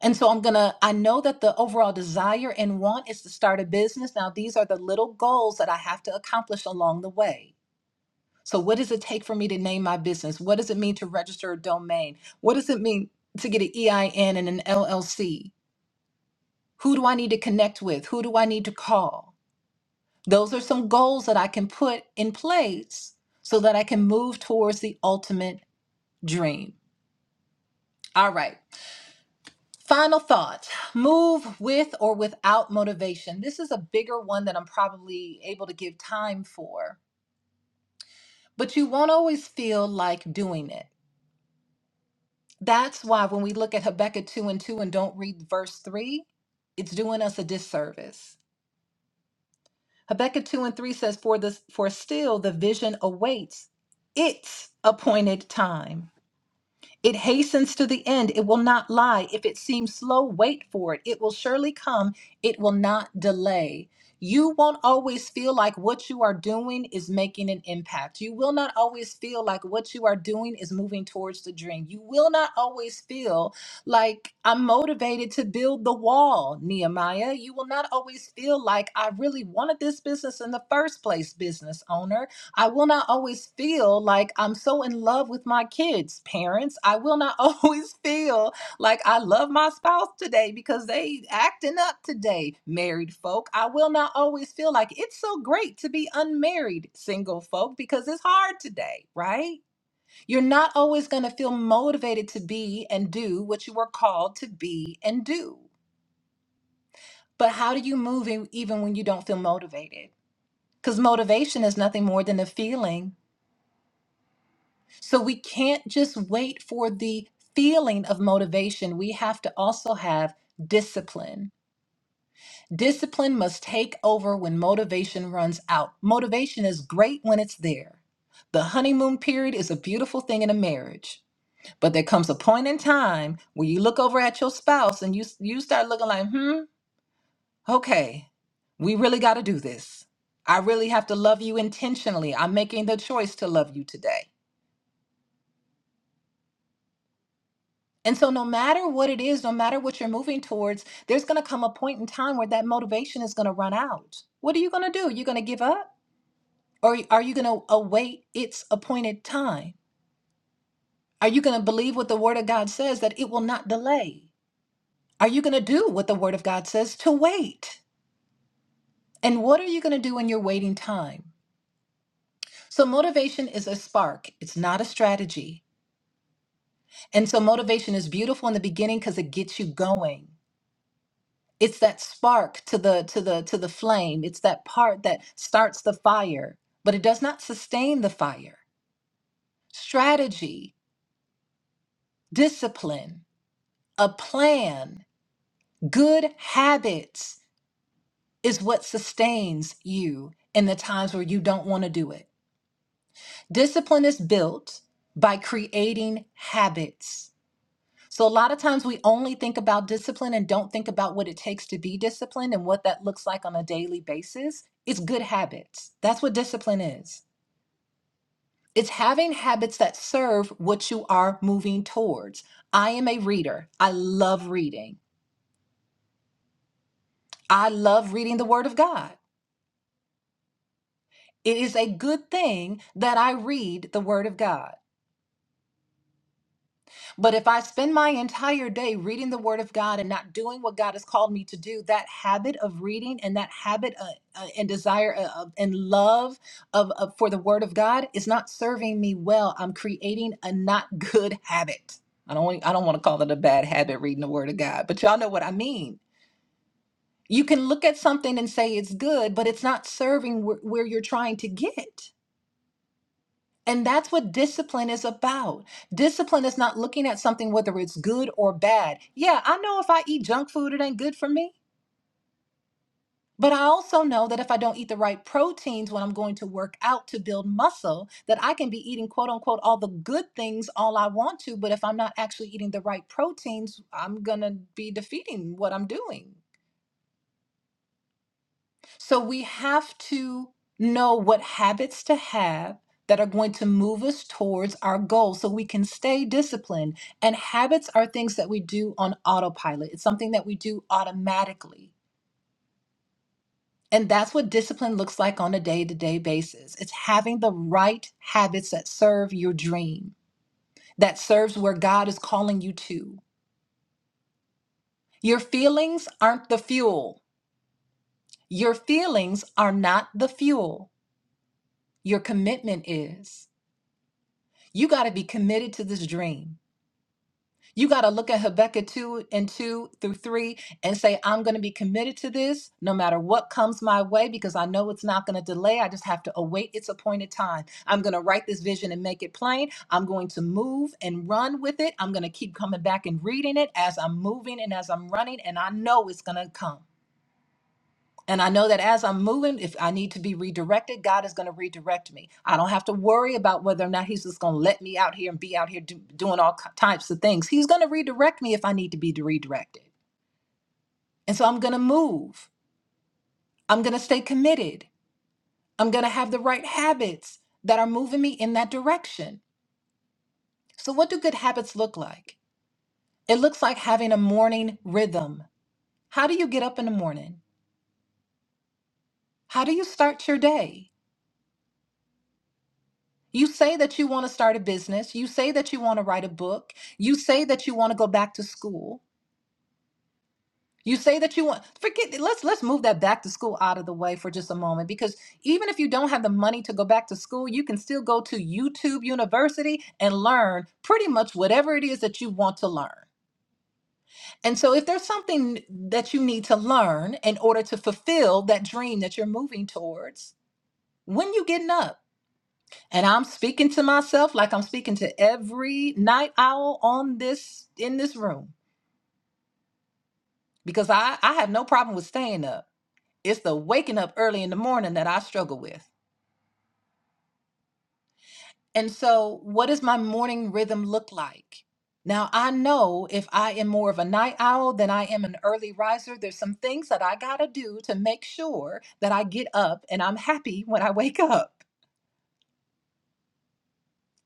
Speaker 6: And so I'm going to I know that the overall desire and want is to start a business. Now these are the little goals that I have to accomplish along the way. So, what does it take for me to name my business? What does it mean to register a domain? What does it mean to get an EIN and an LLC? Who do I need to connect with? Who do I need to call? Those are some goals that I can put in place so that I can move towards the ultimate dream. All right. Final thought move with or without motivation. This is a bigger one that I'm probably able to give time for, but you won't always feel like doing it. That's why when we look at Habakkuk 2 and 2 and don't read verse 3, it's doing us a disservice. Habakkuk 2 and 3 says, For this for still the vision awaits its appointed time. It hastens to the end. It will not lie. If it seems slow, wait for it. It will surely come. It will not delay. You won't always feel like what you are doing is making an impact. You will not always feel like what you are doing is moving towards the dream. You will not always feel like I'm motivated to build the wall, Nehemiah. You will not always feel like I really wanted this business in the first place, business owner. I will not always feel like I'm so in love with my kids, parents. I will not always feel like I love my spouse today because they acting up today, married folk. I will not always feel like it's so great to be unmarried, single folk, because it's hard today, right? You're not always going to feel motivated to be and do what you were called to be and do. But how do you move e- even when you don't feel motivated? Because motivation is nothing more than a feeling So we can't just wait for the feeling of motivation. We have to also have discipline. Discipline must take over when motivation runs out. Motivation is great when it's there. The honeymoon period is a beautiful thing in a marriage, but there comes a point in time where you look over at your spouse and you you start looking like, "Hmm, okay. We really got to do this. I really have to love you intentionally. I'm making the choice to love you today." And so, no matter what it is, no matter what you're moving towards, there's going to come a point in time where that motivation is going to run out. What are you going to do? You're going to give up? Or are you going to await its appointed time? Are you going to believe what the Word of God says that it will not delay? Are you going to do what the Word of God says to wait? And what are you going to do in your waiting time? So, motivation is a spark, it's not a strategy. And so, motivation is beautiful in the beginning because it gets you going. it's that spark to the to the to the flame it's that part that starts the fire but it does not sustain the fire strategy discipline a plan good habits is what sustains you in the times where you don't want to do it discipline is built by creating habits So a lot of times we only think about discipline and don't think about what it takes to be disciplined and what that looks like on a daily basis. It's good habits. That's what discipline is. It's having habits that serve what you are moving towards. I am a reader. I love reading. I love reading the Word of God. It is a good thing that I read the Word of God. But if I spend my entire day reading the Word of God and not doing what God has called me to do, that habit of reading and that habit uh, uh, and desire uh, of- and love of, of for the Word of God is not serving me well. I'm creating a not good habit. I don't want, I don't want to call it a bad habit reading the Word of God, but y'all know what I mean. You can look at something and say it's good, but it's not serving where where you're trying to get. And that's what discipline is about. Discipline is not looking at something whether it's good or bad. Yeah, I know if I eat junk food, it ain't good for me. But I also know that if I don't eat the right proteins when I'm going to work out to build muscle, that I can be eating quote unquote all the good things all I want to. But if I'm not actually eating the right proteins, I'm going to be defeating what I'm doing. So we have to know what habits to have that are going to move us towards our goal so we can stay disciplined. And habits are things that we do on autopilot, it's something that we do automatically. And that's what discipline looks like on a day to day basis. It's having the right habits that serve your dream, that serves where God is calling you to. Your feelings aren't the fuel. Your feelings are not the fuel. Your commitment is. You got to be committed to this dream. You got to look at Habakkuk 2 and 2 through 3 and say, I'm going to be committed to this no matter what comes my way because I know it's not going to delay. I just have to await its appointed time. I'm going to write this vision and make it plain. I'm going to move and run with it. I'm going to keep coming back and reading it as I'm moving and as I'm running, and I know it's going to come. And I know that as I'm moving, if I need to be redirected, God is going to redirect me. I don't have to worry about whether or not He's just going to let me out here and be out here do, doing all ki- types of things. He's going to redirect me if I need to be redirected. And so I'm going to move. I'm going to stay committed. I'm going to have the right habits that are moving me in that direction. So, what do good habits look like? It looks like having a morning rhythm. How do you get up in the morning? How do you start your day? You say that you want to start a business. You say that you want to write a book. You say that you want to go back to school. You say that you want forget let's let's move that back to school out of the way for just a moment because even if you don't have the money to go back to school, you can still go to YouTube University and learn pretty much whatever it is that you want to learn. And so if there's something that you need to learn in order to fulfill that dream that you're moving towards, when you getting up? and I'm speaking to myself like I'm speaking to every night owl on this in this room because I I have no problem with staying up. It's the waking up early in the morning that I struggle with. And so, what does my morning rhythm look like? Now, I know if I am more of a night owl than I am an early riser, there's some things that I got to do to make sure that I get up and I'm happy when I wake up.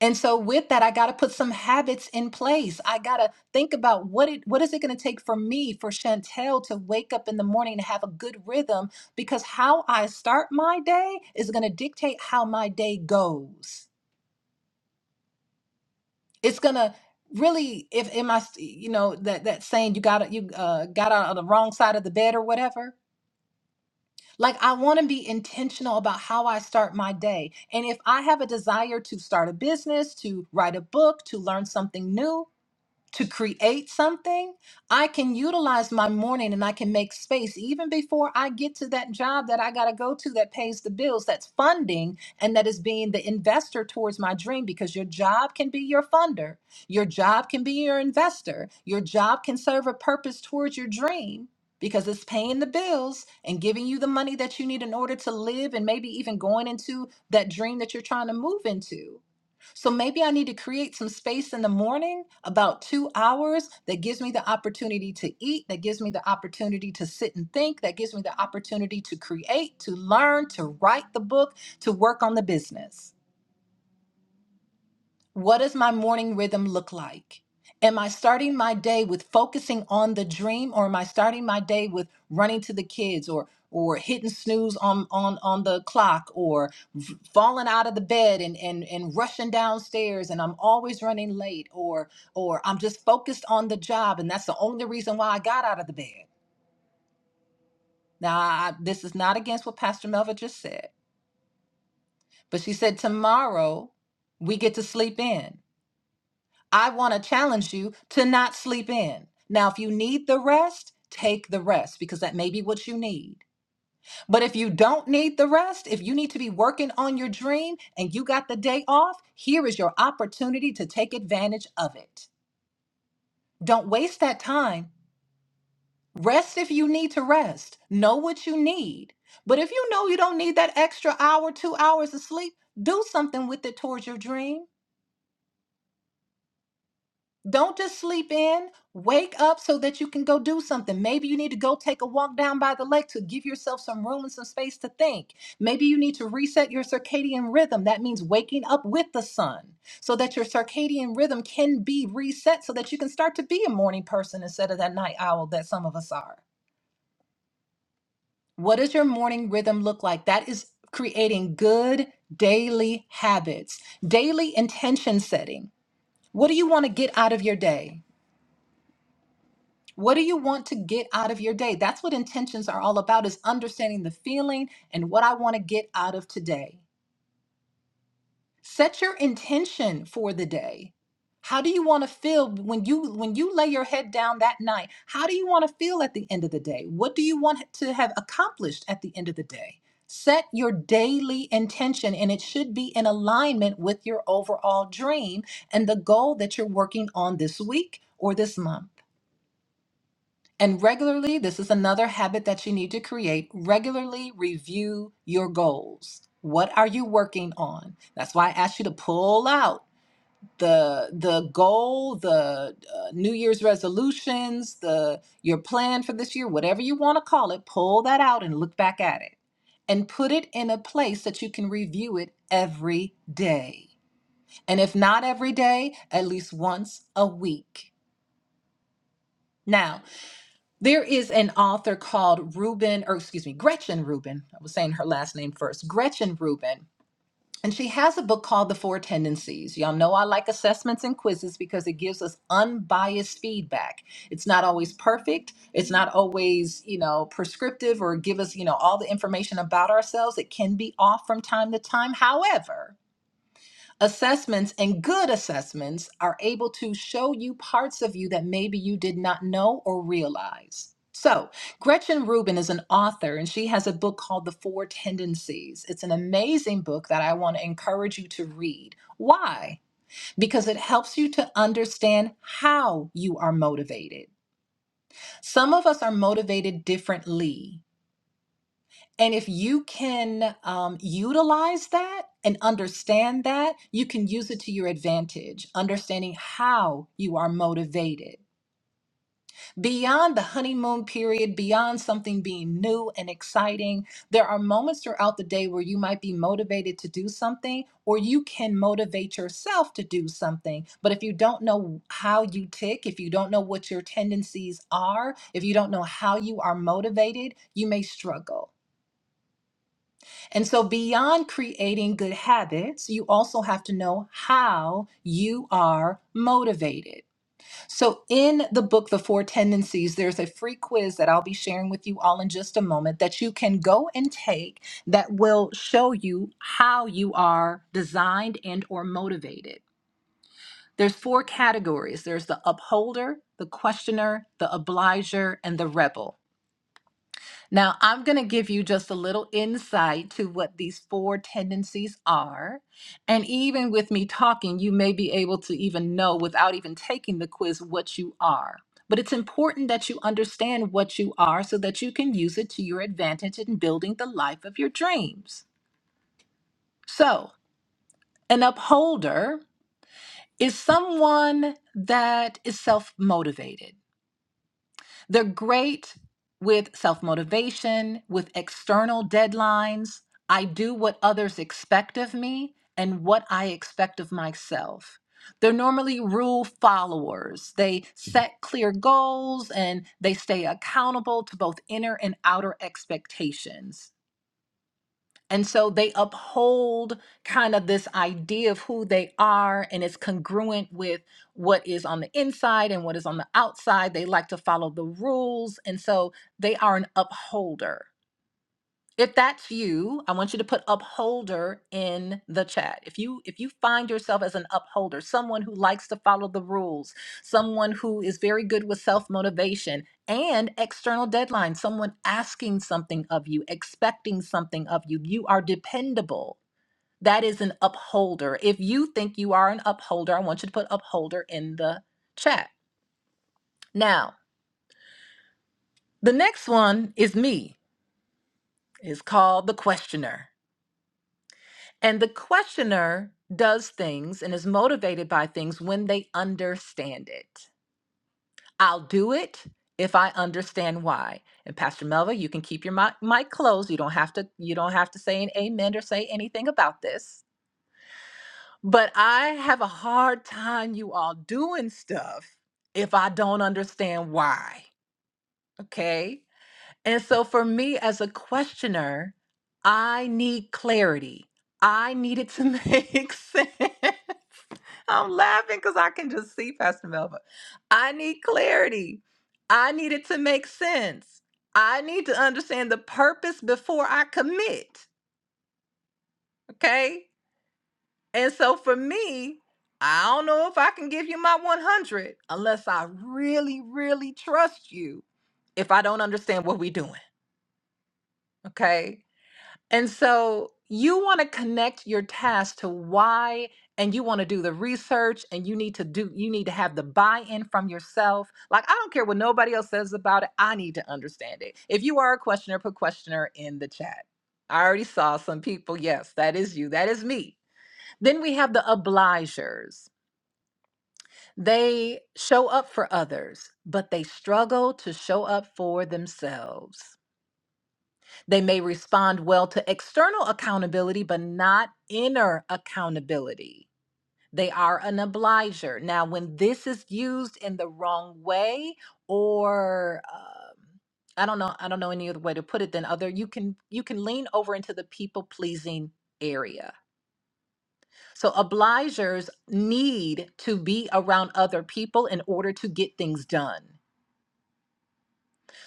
Speaker 6: And so with that, I got to put some habits in place. I got to think about what it what is it going to take for me, for Chantel to wake up in the morning and have a good rhythm because how I start my day is going to dictate how my day goes. It's going to really if am I you know that that saying you got you uh, got out on the wrong side of the bed or whatever. Like I want to be intentional about how I start my day. And if I have a desire to start a business, to write a book, to learn something new, to create something, I can utilize my morning and I can make space even before I get to that job that I got to go to that pays the bills, that's funding, and that is being the investor towards my dream because your job can be your funder, your job can be your investor, your job can serve a purpose towards your dream. Because it's paying the bills and giving you the money that you need in order to live, and maybe even going into that dream that you're trying to move into so maybe I need to create some space in the morning, about two hours, that gives me the opportunity to eat, that gives me the opportunity to sit and think, that gives me the opportunity to create, to learn, to write the book, to work on the business. What does my morning rhythm look like? Am I starting my day with focusing on the dream or am I starting my day with running to the kids or or hitting snooze on on on the clock or v- falling out of the bed and and and rushing downstairs and I'm always running late or or I'm just focused on the job and that's the only reason why I got out of the bed. Now, I, this is not against what Pastor Melva just said, but she said tomorrow we get to sleep in. I want to challenge you to not sleep in. Now, if you need the rest, take the rest because that may be what you need. But if you don't need the rest, if you need to be working on your dream and you got the day off, here is your opportunity to take advantage of it. Don't waste that time. Rest if you need to rest. Know what you need. But if you know you don't need that extra hour, two hours of sleep, do something with it towards your dream. Don't just sleep in. Wake up so that you can go do something. Maybe you need to go take a walk down by the lake to give yourself some room and some space to think. Maybe you need to reset your circadian rhythm. That means waking up with the sun so that your circadian rhythm can be reset so that you can start to be a morning person instead of that night owl that some of us are. What does your morning rhythm look like? That is creating good daily habits, daily intention setting. What do you want to get out of your day? What do you want to get out of your day? That's what intentions are all about is understanding the feeling and what I want to get out of today. Set your intention for the day. How do you want to feel when you when you lay your head down that night? How do you want to feel at the end of the day? What do you want to have accomplished at the end of the day? Set your daily intention and it should be in alignment with your overall dream and the goal that you're working on this week or this month. And regularly, this is another habit that you need to create. Regularly review your goals. What are you working on? That's why I asked you to pull out the the goal, the uh, New Year's resolutions, the your plan for this year, whatever you want to call it. Pull that out and look back at it, and put it in a place that you can review it every day. And if not every day, at least once a week. Now, There is an author called Ruben, or excuse me, Gretchen Rubin. I was saying her last name first, Gretchen Rubin. And she has a book called The Four Tendencies. Y'all know I like assessments and quizzes because it gives us unbiased feedback. It's not always perfect. It's not always, you know, prescriptive or give us, you know, all the information about ourselves. It can be off from time to time. However, Assessments and good assessments are able to show you parts of you that maybe you did not know or realize. So, Gretchen Rubin is an author and she has a book called The Four Tendencies. It's an amazing book that I want to encourage you to read. Why? Because it helps you to understand how you are motivated. Some of us are motivated differently. And if you can um, utilize that and understand that, you can use it to your advantage, understanding how you are motivated. Beyond the honeymoon period, beyond something being new and exciting, there are moments throughout the day where you might be motivated to do something, or you can motivate yourself to do something. But if you don't know how you tick, if you don't know what your tendencies are, if you don't know how you are motivated, you may struggle. And so, beyond creating good habits, you also have to know how you are motivated. So, in the book, The Four Tendencies, there's a free quiz that I'll be sharing with you all in just a moment that you can go and take that will show you how you are designed and or motivated. There's four categories. There's the upholder, the questioner, the obliger, and the rebel. Now, I'm going to give you just a little insight to what these four tendencies are. And even with me talking, you may be able to even know without even taking the quiz what you are. But it's important that you understand what you are so that you can use it to your advantage in building the life of your dreams. So, an upholder is someone that is self motivated. They're great with self motivation, with external deadlines. I do what others expect of me and what I expect of myself. They're normally rule followers. They set clear goals and they stay accountable to both inner and outer expectations and so they uphold kind of this idea of who they are, and it's congruent with what is on the inside and what is on the outside. They like to follow the rules. And so they are an upholder if that's you i want you to put upholder in the chat if you if you find yourself as an upholder someone who likes to follow the rules someone who is very good with self-motivation and external deadlines someone asking something of you expecting something of you you are dependable that is an upholder if you think you are an upholder i want you to put upholder in the chat now the next one is me is called the questioner And the questioner does things and is motivated by things when they understand it. I'll do it if I understand why. And Pastor Melva, you can keep your mic, mic closed. You don't have to you don't have to say an amen or say anything about this. But I have a hard time you all doing stuff if I don't understand why. Okay? And so for me as a questioner, I need clarity. I need it to make sense. I'm laughing because I can just see Pastor Melva. I need clarity. I need it to make sense. I need to understand the purpose before I commit. Okay. And so for me, I don't know if I can give you my 100 unless I really, really trust you if I don't understand what we're doing. Okay. And so you want to connect your task to why and you want to do the research and you need to do you need to have the buy-in from yourself. Like I don't care what nobody else says about it. I need to understand it. If you are a questioner, put questioner in the chat. I already saw some people. Yes, that is you. That is me. Then we have the obligers. They show up for others, but they struggle to show up for themselves. They may respond well to external accountability, but not inner accountability. They are an obliger. Now, when this is used in the wrong way, or um I don't know, I don't know any other way to put it than other, you can you can lean over into the people pleasing area. So obligers need to be around other people in order to get things done.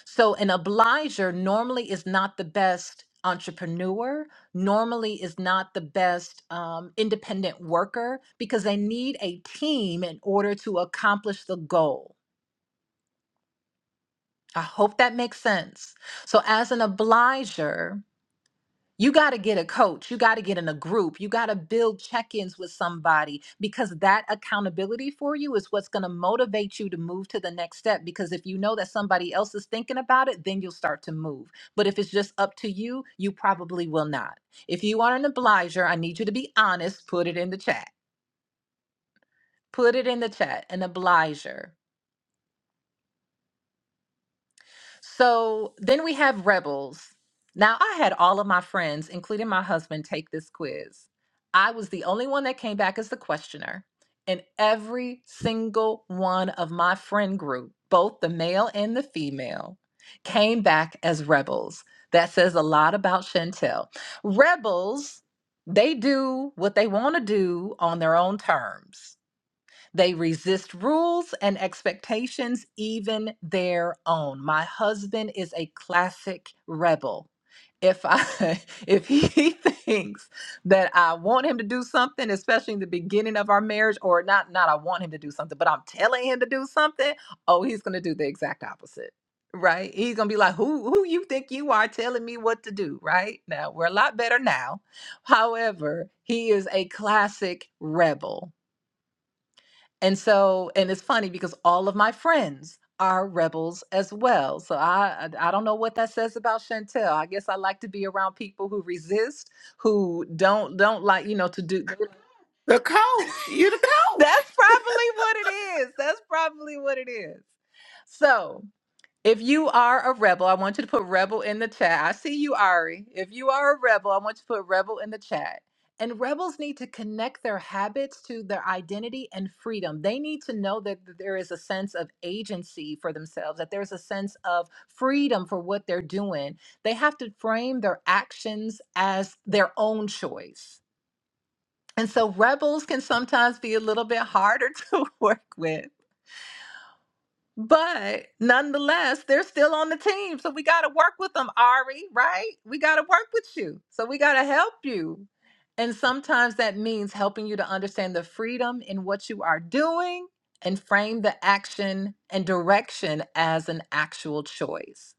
Speaker 6: So an obliger normally is not the best entrepreneur, normally is not the best um, independent worker because they need a team in order to accomplish the goal. I hope that makes sense. So as an obliger, you got to get a coach. You got to get in a group. You got to build check ins with somebody because that accountability for you is what's going to motivate you to move to the next step. Because if you know that somebody else is thinking about it, then you'll start to move. But if it's just up to you, you probably will not. If you are an obliger, I need you to be honest. Put it in the chat. Put it in the chat. An obliger. So then we have rebels. Now, I had all of my friends, including my husband, take this quiz. I was the only one that came back as the questioner. And every single one of my friend group, both the male and the female, came back as rebels. That says a lot about Chantel. Rebels, they do what they want to do on their own terms they resist rules and expectations, even their own. My husband is a classic rebel. If I if he thinks that I want him to do something, especially in the beginning of our marriage, or not not I want him to do something, but I'm telling him to do something, oh, he's gonna do the exact opposite. Right? He's gonna be like, Who who you think you are telling me what to do? Right? Now we're a lot better now. However, he is a classic rebel and so, and it's funny because all of my friends are rebels as well. So I I I don't know what that says about Chantel. I guess I like to be around people who resist, who don't don't like, you know, to do That's probably what it is. That's probably what it is. So, if you are a rebel, I want you to put rebel in the chat. I see you, Ari. If you are a rebel, I want you to put rebel in the chat. And rebels need to connect their habits to their identity and freedom. They need to know that there is a sense of agency for themselves, that there's a sense of freedom for what they're doing. They have to frame their actions as their own choice. And so rebels can sometimes be a little bit harder to work with but nonetheless, they're still on the team. So we got to work with them, Ari, right? We got to work with you. So we got to help you. And sometimes that means helping you to understand the freedom in what you are doing and frame the action and direction as an actual choice.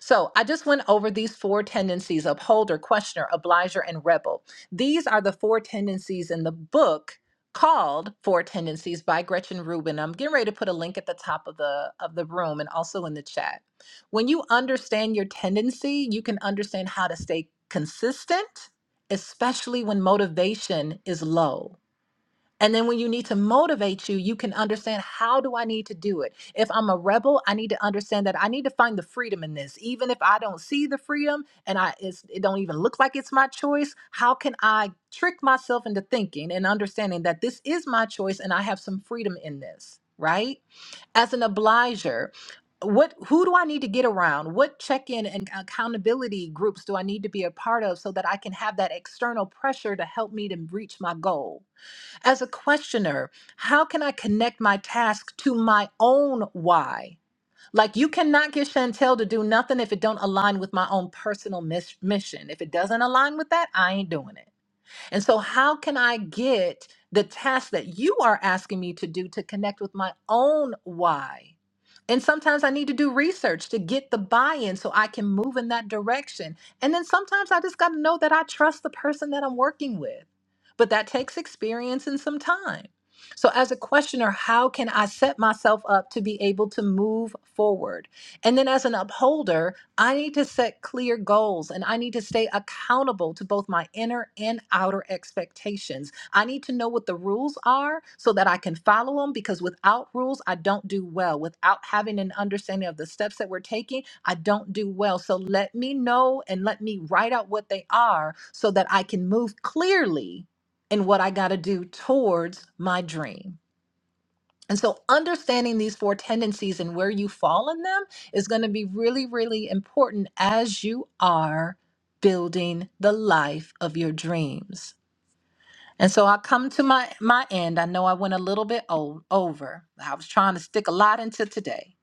Speaker 6: So I just went over these four tendencies upholder, questioner, obliger, and rebel. These are the four tendencies in the book called Four Tendencies by Gretchen Rubin. I'm getting ready to put a link at the top of the of the room and also in the chat. When you understand your tendency, you can understand how to stay consistent, especially when motivation is low. And then when you need to motivate you, you can understand how do I need to do it? If I'm a rebel, I need to understand that I need to find the freedom in this. Even if I don't see the freedom and I it's, it don't even look like it's my choice, how can I trick myself into thinking and understanding that this is my choice and I have some freedom in this, right? As an obliger, what who do I need to get around? What check-in and accountability groups do I need to be a part of so that I can have that external pressure to help me to reach my goal? As a questioner, how can I connect my task to my own why? Like you cannot get Chantel to do nothing if it don't align with my own personal mis- mission. If it doesn't align with that, I ain't doing it. And so, how can I get the task that you are asking me to do to connect with my own why? And sometimes I need to do research to get the buy in so I can move in that direction. And then sometimes I just got to know that I trust the person that I'm working with. But that takes experience and some time. So, as a questioner, how can I set myself up to be able to move forward? And then, as an upholder, I need to set clear goals and I need to stay accountable to both my inner and outer expectations. I need to know what the rules are so that I can follow them because without rules, I don't do well. Without having an understanding of the steps that we're taking, I don't do well. So let me know and let me write out what they are so that I can move clearly in what I got to do towards my dream. And so, understanding these four tendencies and where you fall in them is going to be really, really important as you are building the life of your dreams. And so, I come to my my end. I know I went a little bit o- over. I was trying to stick a lot into today.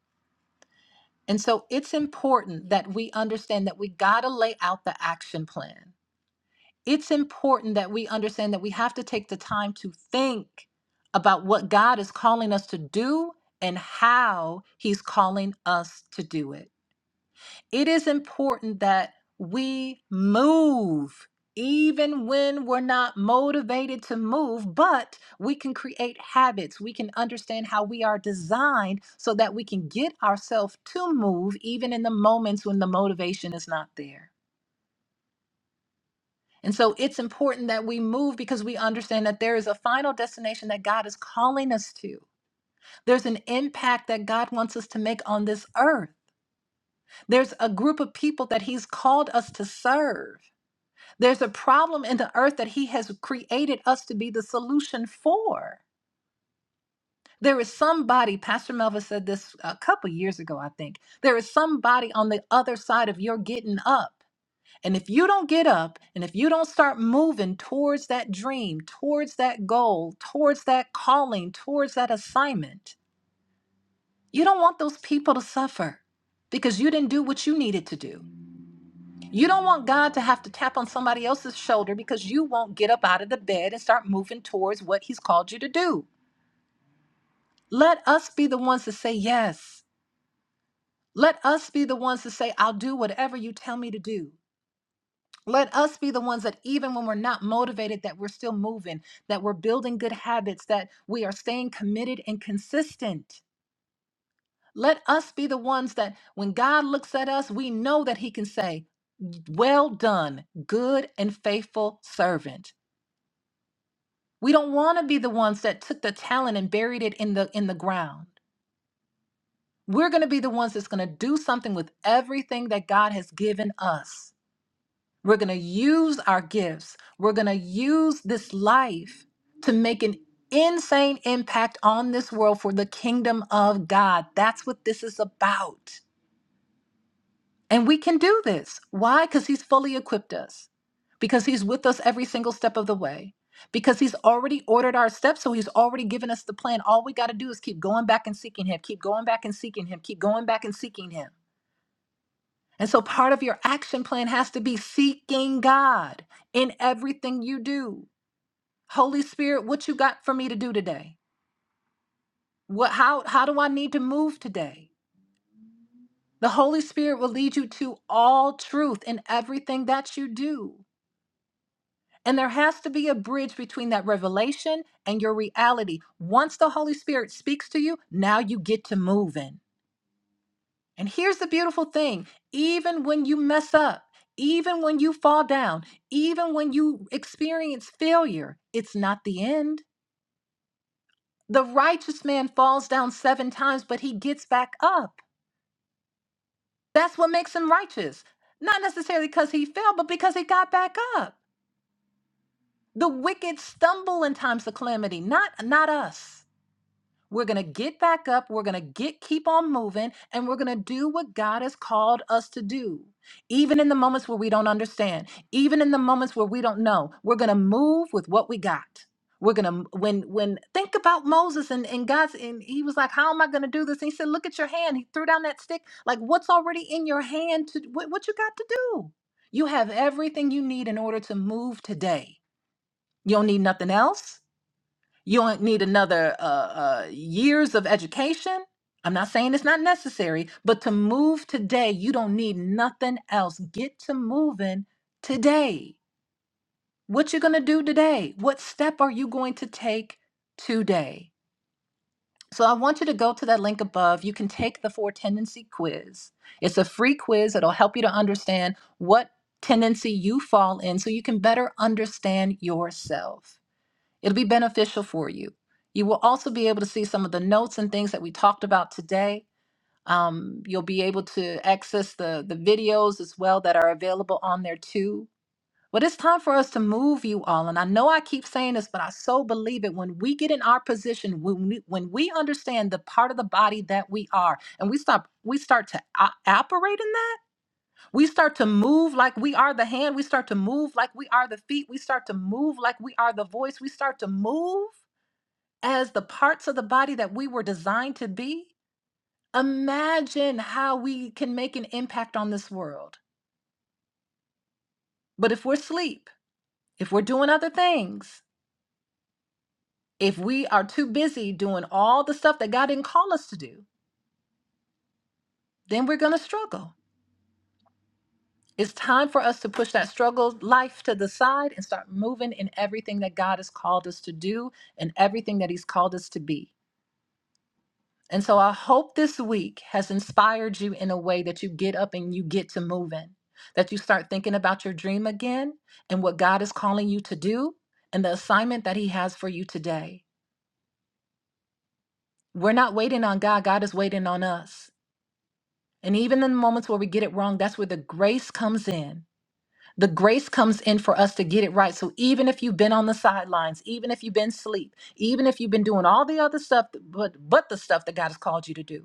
Speaker 6: And so, it's important that we understand that we got to lay out the action plan it's important that we understand that we have to take the time to think about what God is calling us to do and how He's calling us to do it. It is important that we move. Even when we're not motivated to move, but we can create habits. We can understand how we are designed so that we can get ourselves to move, even in the moments when the motivation is not there. And so it's important that we move because we understand that there is a final destination that God is calling us to. There's an impact that God wants us to make on this earth. There's a group of people that He's called us to serve. There's a problem in the earth that He has created us to be the solution for. There is somebody, Pastor Melva said this a couple years ago, I think. There is somebody on the other side of your getting up. And if you don't get up and if you don't start moving towards that dream, towards that goal, towards that calling, towards that assignment, you don't want those people to suffer because you didn't do what you needed to do. You don't want God to have to tap on somebody else's shoulder because you won't get up out of the bed and start moving towards what He's called you to do. Let us be the ones to say yes. Let us be the ones to say, I'll do whatever you tell me to do. Let us be the ones that, even when we're not motivated, that we're still moving, that we're building good habits, that we are staying committed and consistent. Let us be the ones that, when God looks at us, we know that He can say, Well done, good and faithful servant. We don't want to be the ones that took the talent and buried it in the in the ground. We're going to be the ones that's going to do something with everything that God has given us. We're going to use our gifts. We're going to use this life to make an insane impact on this world for the kingdom of God. That's what this is about. And we can do this. Why? Because He's fully equipped us, because He's with us every single step of the way. Because he's already ordered our steps, so he's already given us the plan. All we got to do is keep going back and seeking him, keep going back and seeking him, keep going back and seeking him. And so part of your action plan has to be seeking God in everything you do. Holy Spirit, what you got for me to do today? What how how do I need to move today? The Holy Spirit will lead you to all truth in everything that you do. And there has to be a bridge between that revelation and your reality. Once the Holy Spirit speaks to you, now you get to moving. And here's the beautiful thing even when you mess up, even when you fall down, even when you experience failure, it's not the end. The righteous man falls down seven times, but he gets back up. That's what makes him righteous. Not necessarily because he fell, but because he got back up. The wicked stumble in times of calamity, not, not us. We're going to get back up. We're going to get keep on moving and we're going to do what God has called us to do. Even in the moments where we don't understand, even in the moments where we don't know, we're going to move with what we got. We're going to when when think about Moses and and God's and he was like, "How am I going to do this?" And he said, "Look at your hand." He threw down that stick. Like, what's already in your hand to what, what you got to do? You have everything you need in order to move today. You don't need nothing else. You don't need another uh, uh, years of education. I'm not saying it's not necessary, but to move today, you don't need nothing else. Get to moving today. What you gonna do today? What step are you going to take today? So I want you to go to that link above. You can take the four tendency quiz. It's a free quiz. It'll help you to understand what tendency you fall in so you can better understand yourself. It'll be beneficial for you. You will also be able to see some of the notes and things that we talked about today. Um, you'll be able to access the, the videos as well that are available on there too. But it's time for us to move you all. And I know I keep saying this, but I so believe it. When we get in our position, when we, when we understand the part of the body that we are, and we stop, we start to o- operate in that, we start to move like we are the hand, we start to move like we are the feet, we start to move like we are the voice, we start to move as the parts of the body that we were designed to be, imagine how we can make an impact on this world. But if we're asleep, if we're doing other things, if we are too busy doing all the stuff that God didn't call us to do, then we're going to struggle. It's time for us to push that struggle life to the side and start moving in everything that God has called us to do and everything that He's called us to be. And so I hope this week has inspired you in a way that you get up and you get to moving, that you start thinking about your dream again and what God is calling you to do and the assignment that He has for you today. We're not waiting on God, God is waiting on us. And even in the moments where we get it wrong, that's where the grace comes in. The grace comes in for us to get it right. So even if you've been on the sidelines, even if you've been asleep, even if you've been doing all the other stuff, but but the stuff that God has called you to do,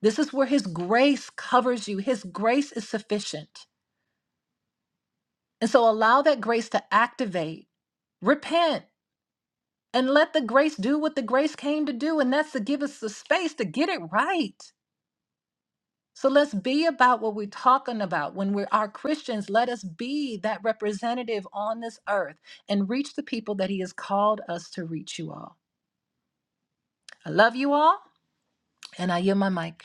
Speaker 6: This is where His grace covers you. His grace is sufficient. And so allow that grace to activate, repent, and let the grace do what the grace came to do. And that's to give us the space to get it right. So let's be about what we're talking about. When we are Christians, let us be that representative on this earth and reach the people that He has called us to reach you all. I love you all, and I yield my mic.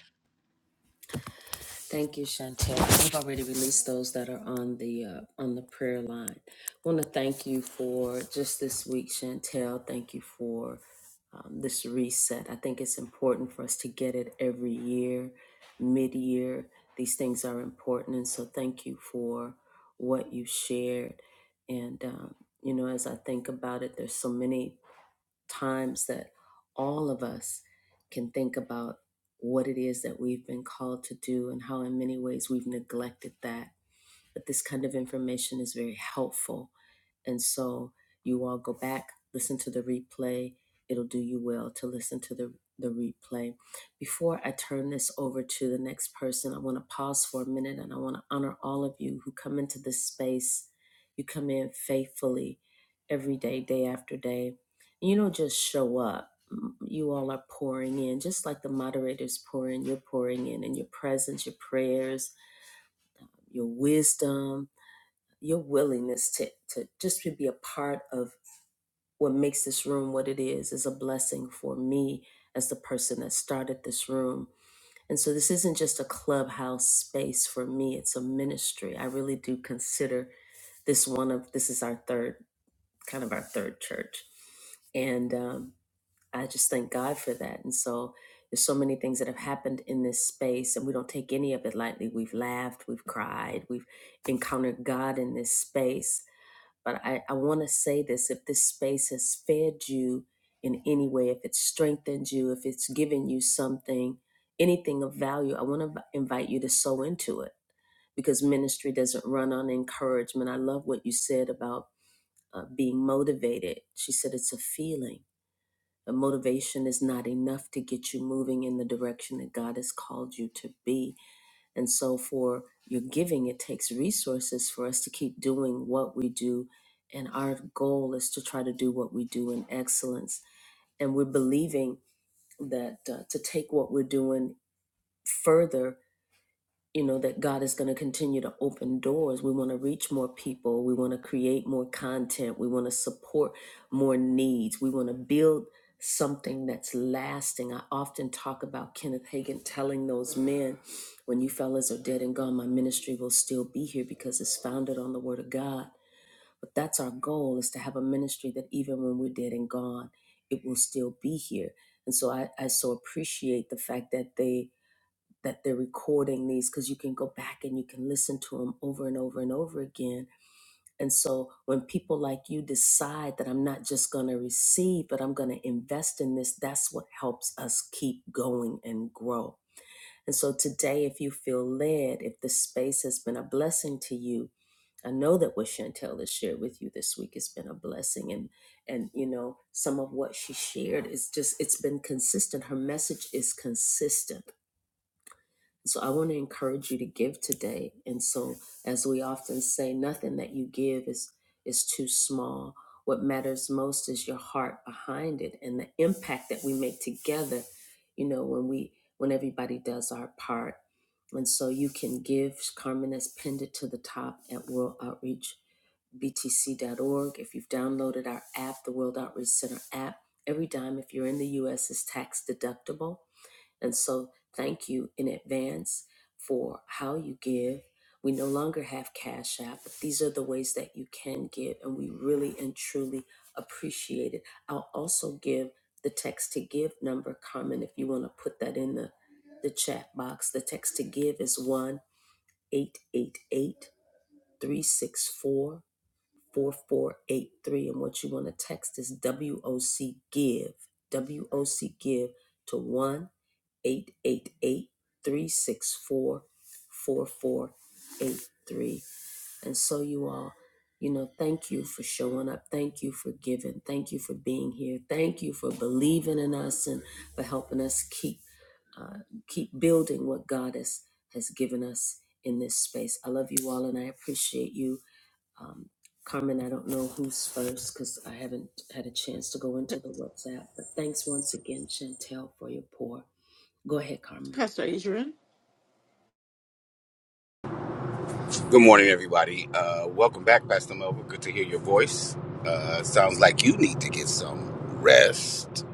Speaker 7: Good morning, everybody. Uh, welcome back, Pastor Melvin. Good to hear your voice. Uh, sounds like you need to get some rest.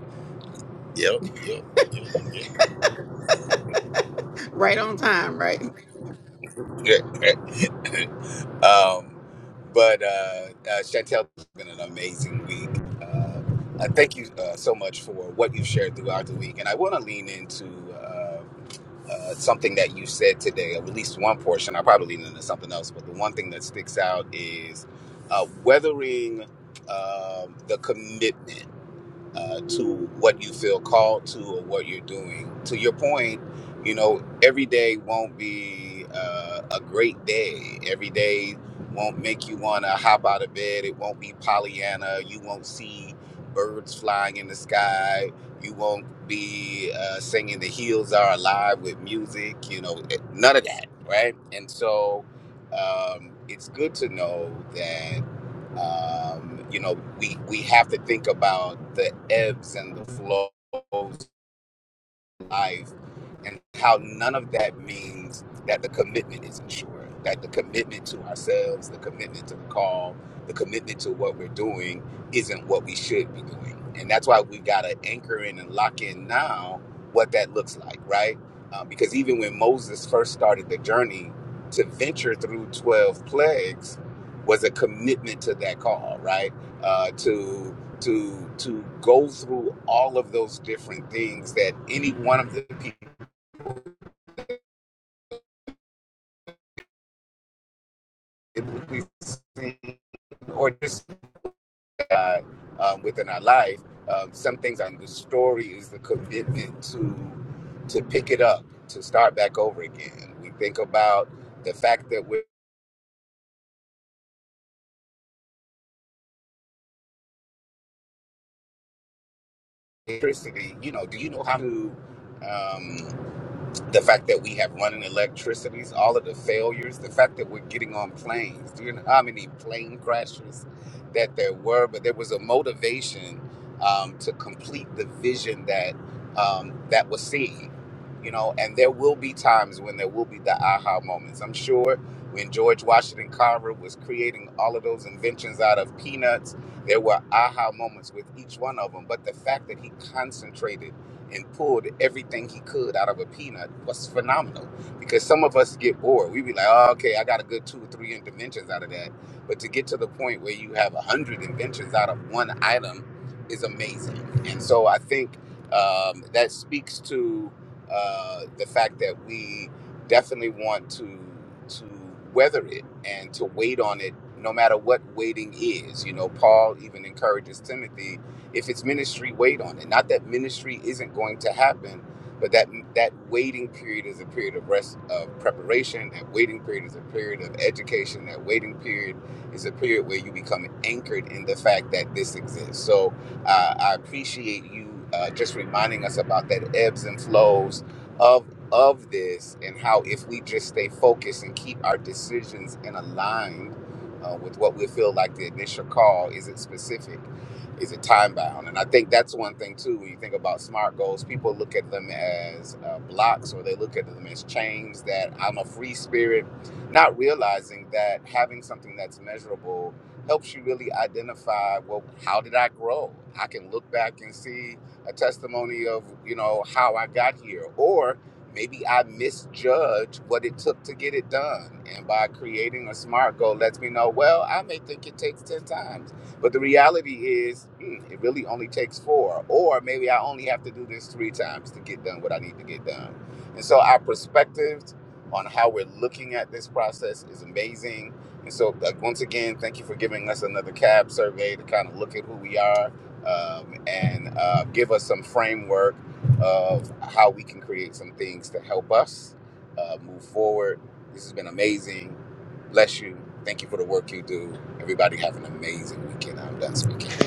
Speaker 7: Yep, yep.
Speaker 3: Right on time, right?
Speaker 7: um, but uh, uh, Chantel, it's been an amazing week. Uh, I thank you uh, so much for what you've shared throughout the week. And I want to lean into uh, uh, something that you said today, at least one portion. I'll probably lean into something else, but the one thing that sticks out is uh, weathering um the commitment. uh, to what you feel called to or what you're doing. To your point, you know, every day won't be uh, a great day. Every day won't make you want to hop out of bed. It won't be Pollyanna. You won't see birds flying in the sky. You won't be uh, singing The Hills Are Alive with music, you know, it- none of that, right? And so um, it's good to know that. Um, you know, we we have to think about the ebbs and the flows life and how none of that means that the commitment is not sure. that the commitment to ourselves, the commitment to the call, the commitment to what we're doing isn't what we should be doing. And that's why we got to anchor in and lock in now what that looks like, right? Uh, because even when Moses first started the journey to venture through 12 plagues was a commitment to that call, right? Uh, to to to go through all of those different things that any one of the people that we see or just uh, um, within our life. Um, some things on the story is the commitment to to pick it up, to start back over again. We think about the fact that with electricity, you know, do you know how to? Um, the fact that we have running electricities, all of the failures, the fact that we're getting on planes. Do you know how many plane crashes that there were? But there was a motivation um, to complete the vision that um, that was seen. You know, and there will be times when there will be the aha moments. I'm sure when George Washington Carver was creating all of those inventions out of peanuts, there were aha moments with each one of them. But the fact that he concentrated and pulled everything he could out of a peanut was phenomenal. Because some of us get bored. We be like, oh, okay, I got a good two or three inventions out of that. But to get to the point where you have a hundred inventions out of one item is amazing. And so I think um, that speaks to uh, the fact that we definitely want to to weather it and to wait on it, no matter what waiting is. You know, Paul even encourages Timothy if it's ministry wait on it not that ministry isn't going to happen but that that waiting period is a period of rest of preparation that waiting period is a period of education that waiting period is a period where you become anchored in the fact that this exists so uh, i appreciate you uh, just reminding us about that ebbs and flows of of this and how if we just stay focused and keep our decisions in aligned uh, with what we feel like the initial call is it specific is it time bound? And I think that's one thing too. When you think about smart goals, people look at them as uh, blocks, or they look at them as chains. That I'm a free spirit, not realizing that having something that's measurable helps you really identify. Well, how did I grow? I can look back and see a testimony of you know how I got here, or maybe I misjudged what it took to get it done. And by creating a smart goal, lets me know. Well, I may think it takes ten times. But the reality is, hmm, it really only takes four, or maybe I only have to do this three times to get done what I need to get done. And so our perspectives on how we're looking at this process is amazing. And so, like, once again, thank you for giving us another CAB survey to kind of look at who we are um, and uh, give us some framework of how we can create some things to help us uh, move forward. This has been amazing. Bless you. Thank you for the work you do. Everybody have an amazing weekend. I'm done speaking.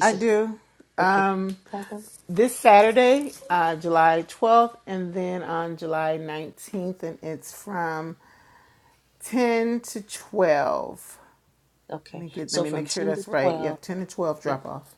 Speaker 3: I do. Um, this Saturday, uh, July 12th, and then on July 19th, and it's from 10 to 12. Let me get. Let me make sure that's right. Yep, 10 to 12 drop off.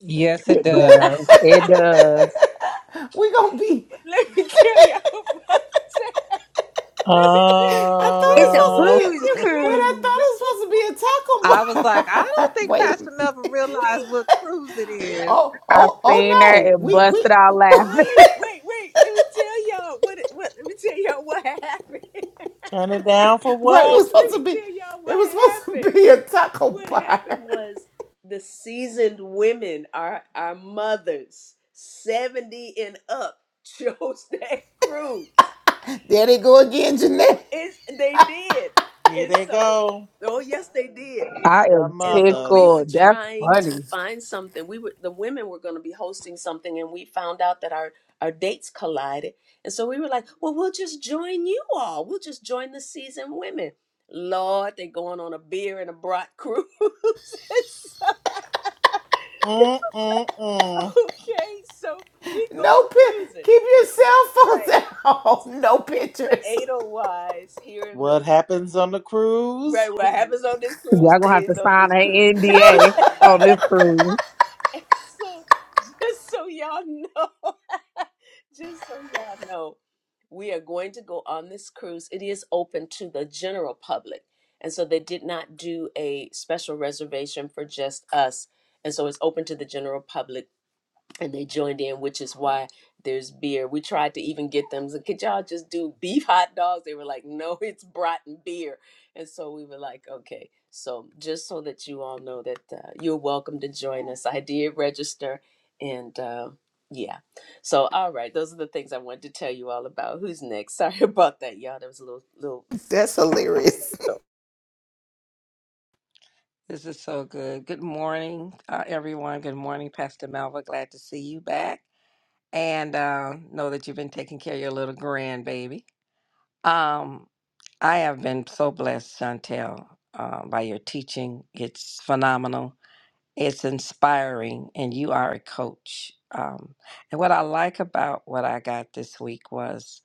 Speaker 6: Yes, it
Speaker 8: It
Speaker 6: does.
Speaker 8: does. It does.
Speaker 3: We gonna be. I thought
Speaker 2: It's a
Speaker 4: Um,
Speaker 3: it was supposed to
Speaker 2: booze
Speaker 3: be a. Wait, I thought it
Speaker 2: cruise.
Speaker 3: was supposed to be
Speaker 6: I was like,
Speaker 3: a
Speaker 6: I
Speaker 3: taco
Speaker 6: don't
Speaker 3: bar.
Speaker 6: think
Speaker 3: Wait.
Speaker 6: Pastor
Speaker 3: a-
Speaker 6: Melvin realized what cruise it is.
Speaker 3: Oh,
Speaker 8: I
Speaker 3: oh, oh
Speaker 8: seen that
Speaker 3: no.
Speaker 8: and
Speaker 3: We we.
Speaker 8: busted out laughing.
Speaker 4: turn it down for
Speaker 3: Right. It
Speaker 4: what?
Speaker 3: was supposed to be. It was supposed to be a taco bar. There they go again, Jeanette.
Speaker 4: Here they go.
Speaker 8: I
Speaker 4: The
Speaker 8: am
Speaker 4: mothers.
Speaker 8: tickled. That's funny.
Speaker 4: Mm-mm-mm.
Speaker 3: No pic. Keep your cell phones at home. No pictures.
Speaker 4: What happens on the cruise?
Speaker 8: Y'all gonna have to sign an NDA on this cruise.
Speaker 3: That's hilarious.
Speaker 9: This is so good. Good morning, uh, everyone. Good morning, Pastor Malva. Glad to see you back. And uh, know that you've been taking care of your little grandbaby. Um, I have been so blessed, Chantel, uh, by your teaching. It's phenomenal, it's inspiring, and you are a coach. Um, and what I like about what I got this week was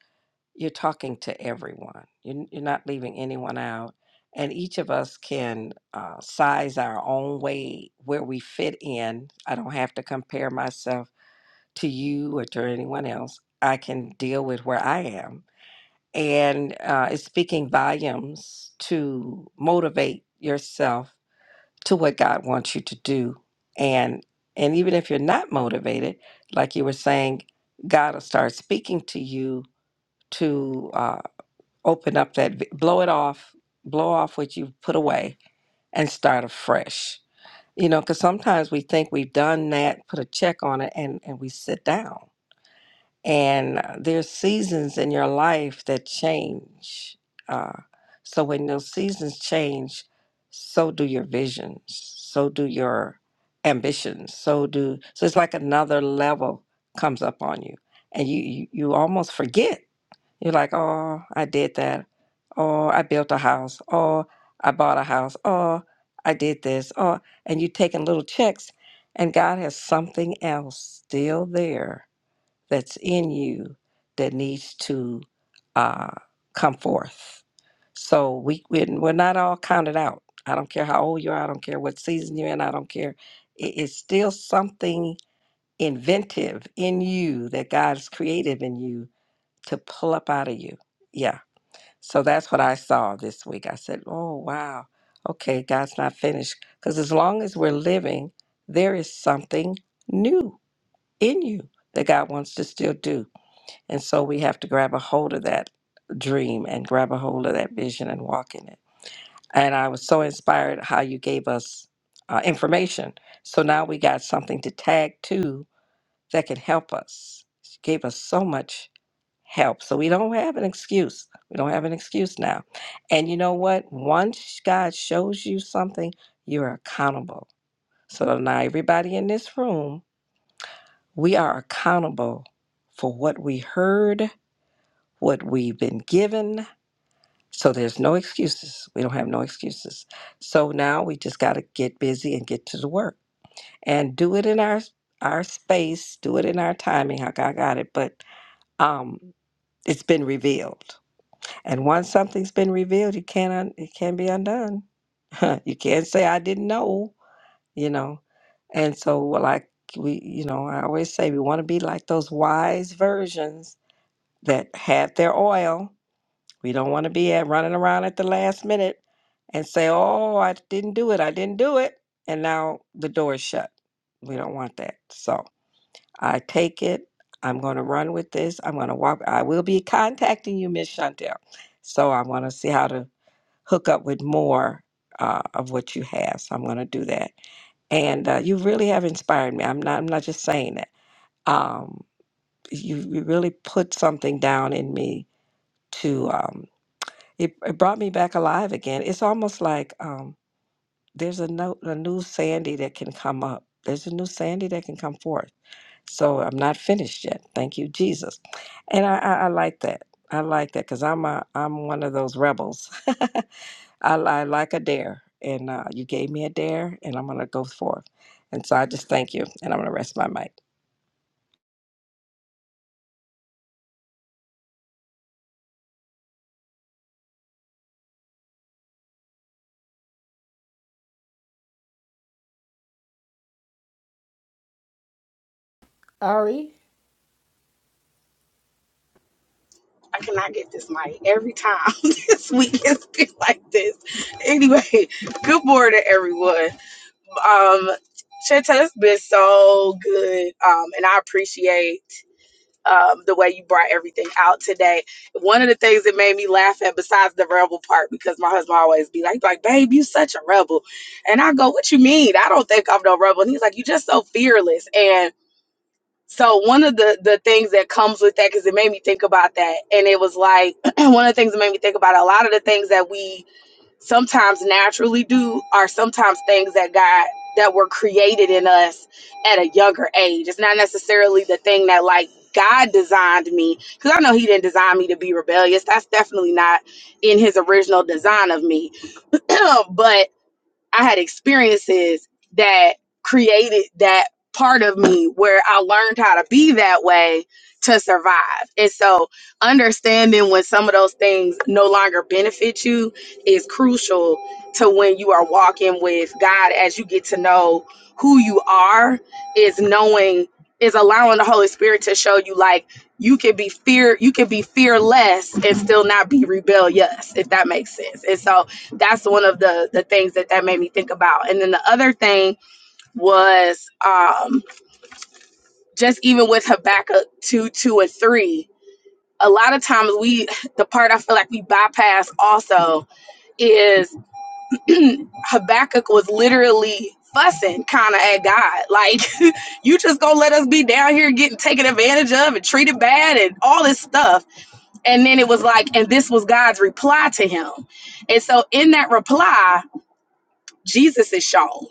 Speaker 9: you're talking to everyone. You're, you're not leaving anyone out. And each of us can uh, size our own way where we fit in. I don't have to compare myself to you or to anyone else. I can deal with where I am. And uh, it's speaking volumes to motivate yourself to what God wants you to do. And and even if you're not motivated, like you were saying, God will start speaking to you to. uh, open up that vi- blow it off blow off what you've put away and start afresh you know because sometimes we think we've done that put a check on it and and we sit down and uh, there's seasons in your life that change uh, so when those seasons change so do your visions so do your ambitions so do so it's like another level comes up on you and you you, you almost forget you're like, oh, I did that. Oh, I built a house. Oh, I bought a house. Oh, I did this. Oh, and you're taking little checks, and God has something else still there that's in you that needs to uh, come forth. So we we're, we're not all counted out. I don't care how old you are. I don't care what season you're in. I don't care. It, it's still something inventive in you that God's creative in you to pull up out of you. Yeah. So that's what I saw this week. I said, oh, wow. Okay, God's not finished. Because as long as we're living, there is something new in you that God wants to still do. And so we have to grab a hold of that dream and grab a hold of that vision and walk in it. And I was so inspired how you gave us uh, information. So now we got something to tag to that can help us. You gave us so much help. So we don't have an excuse. We don't have an excuse now. And you know what? Once God shows you something, you're accountable. So now everybody in this room, we are accountable for what we heard, what we've been given. So there's no excuses. We don't have no excuses. So now we just got to get busy and get to the work and do it in our our space, do it in our timing. How God got it, but um, it's been revealed And once something's been revealed, you can't un- it can be undone. you can't say I didn't know, you know. And so, well, like we, you know, I always say we want to be like those wise virgins that have their oil. We don't want to be at running around at the last minute and say, "Oh, I didn't do it. I didn't do it," and now the door is shut. We don't want that. So I take it. I'm going to run with this. I'm going to walk. I will be contacting you, Miss Chantel. So I want to see how to hook up with more uh, of what you have. So I'm going to do that. And uh, you really have inspired me. I'm not. I'm not just saying that. Um, you, you really put something down in me to. Um, it, it brought me back alive again. It's almost like um, there's a no, a new Sandy that can come up. There's a new Sandy that can come forth. So I'm not finished yet. Thank you, Jesus. And I, I, I like that. I like that because I'm a I'm one of those rebels. I, I like a dare, and uh, you gave me a dare, and I'm going to go forth. And so I just thank you, and I'm going to rest my mic.
Speaker 3: Ari?
Speaker 8: I cannot get this mic. Every time this week has been like this. Anyway, good morning, everyone. Um, Cheta, it's been so good. Um, and I appreciate um, the way you brought everything out today. One of the things that made me laugh at, besides the rebel part, because my husband always be like, like, babe, you such a rebel. And I go, what you mean? I don't think I'm no rebel. And he's like, you just so fearless. And so one of the, the things that comes with that, because it made me think about that. And it was like, one of the things that made me think about it, a lot of the things that we sometimes naturally do are sometimes things that God that were created in us at a younger age. It's not necessarily the thing that like God designed me because I know He didn't design me to be rebellious. That's definitely not in His original design of me. but I had experiences that created that part of me where I learned how to be that way to survive. And so, understanding when some of those things no longer benefit you is crucial to when you are walking with God as you get to know who you are, is knowing, is allowing the Holy Spirit to show you, like, you can be fear you can be fearless and still not be rebellious if that makes sense and so that's one of the the things that that made me think about and then the other thing was um just even with habakkuk 2 2 and 3 a lot of times we the part i feel like we bypass also is habakkuk was literally fussing kind of at god like you just gonna let us be down here getting taken advantage of and treated bad and all this stuff and then it was like and this was god's reply to him and so in that reply jesus is shown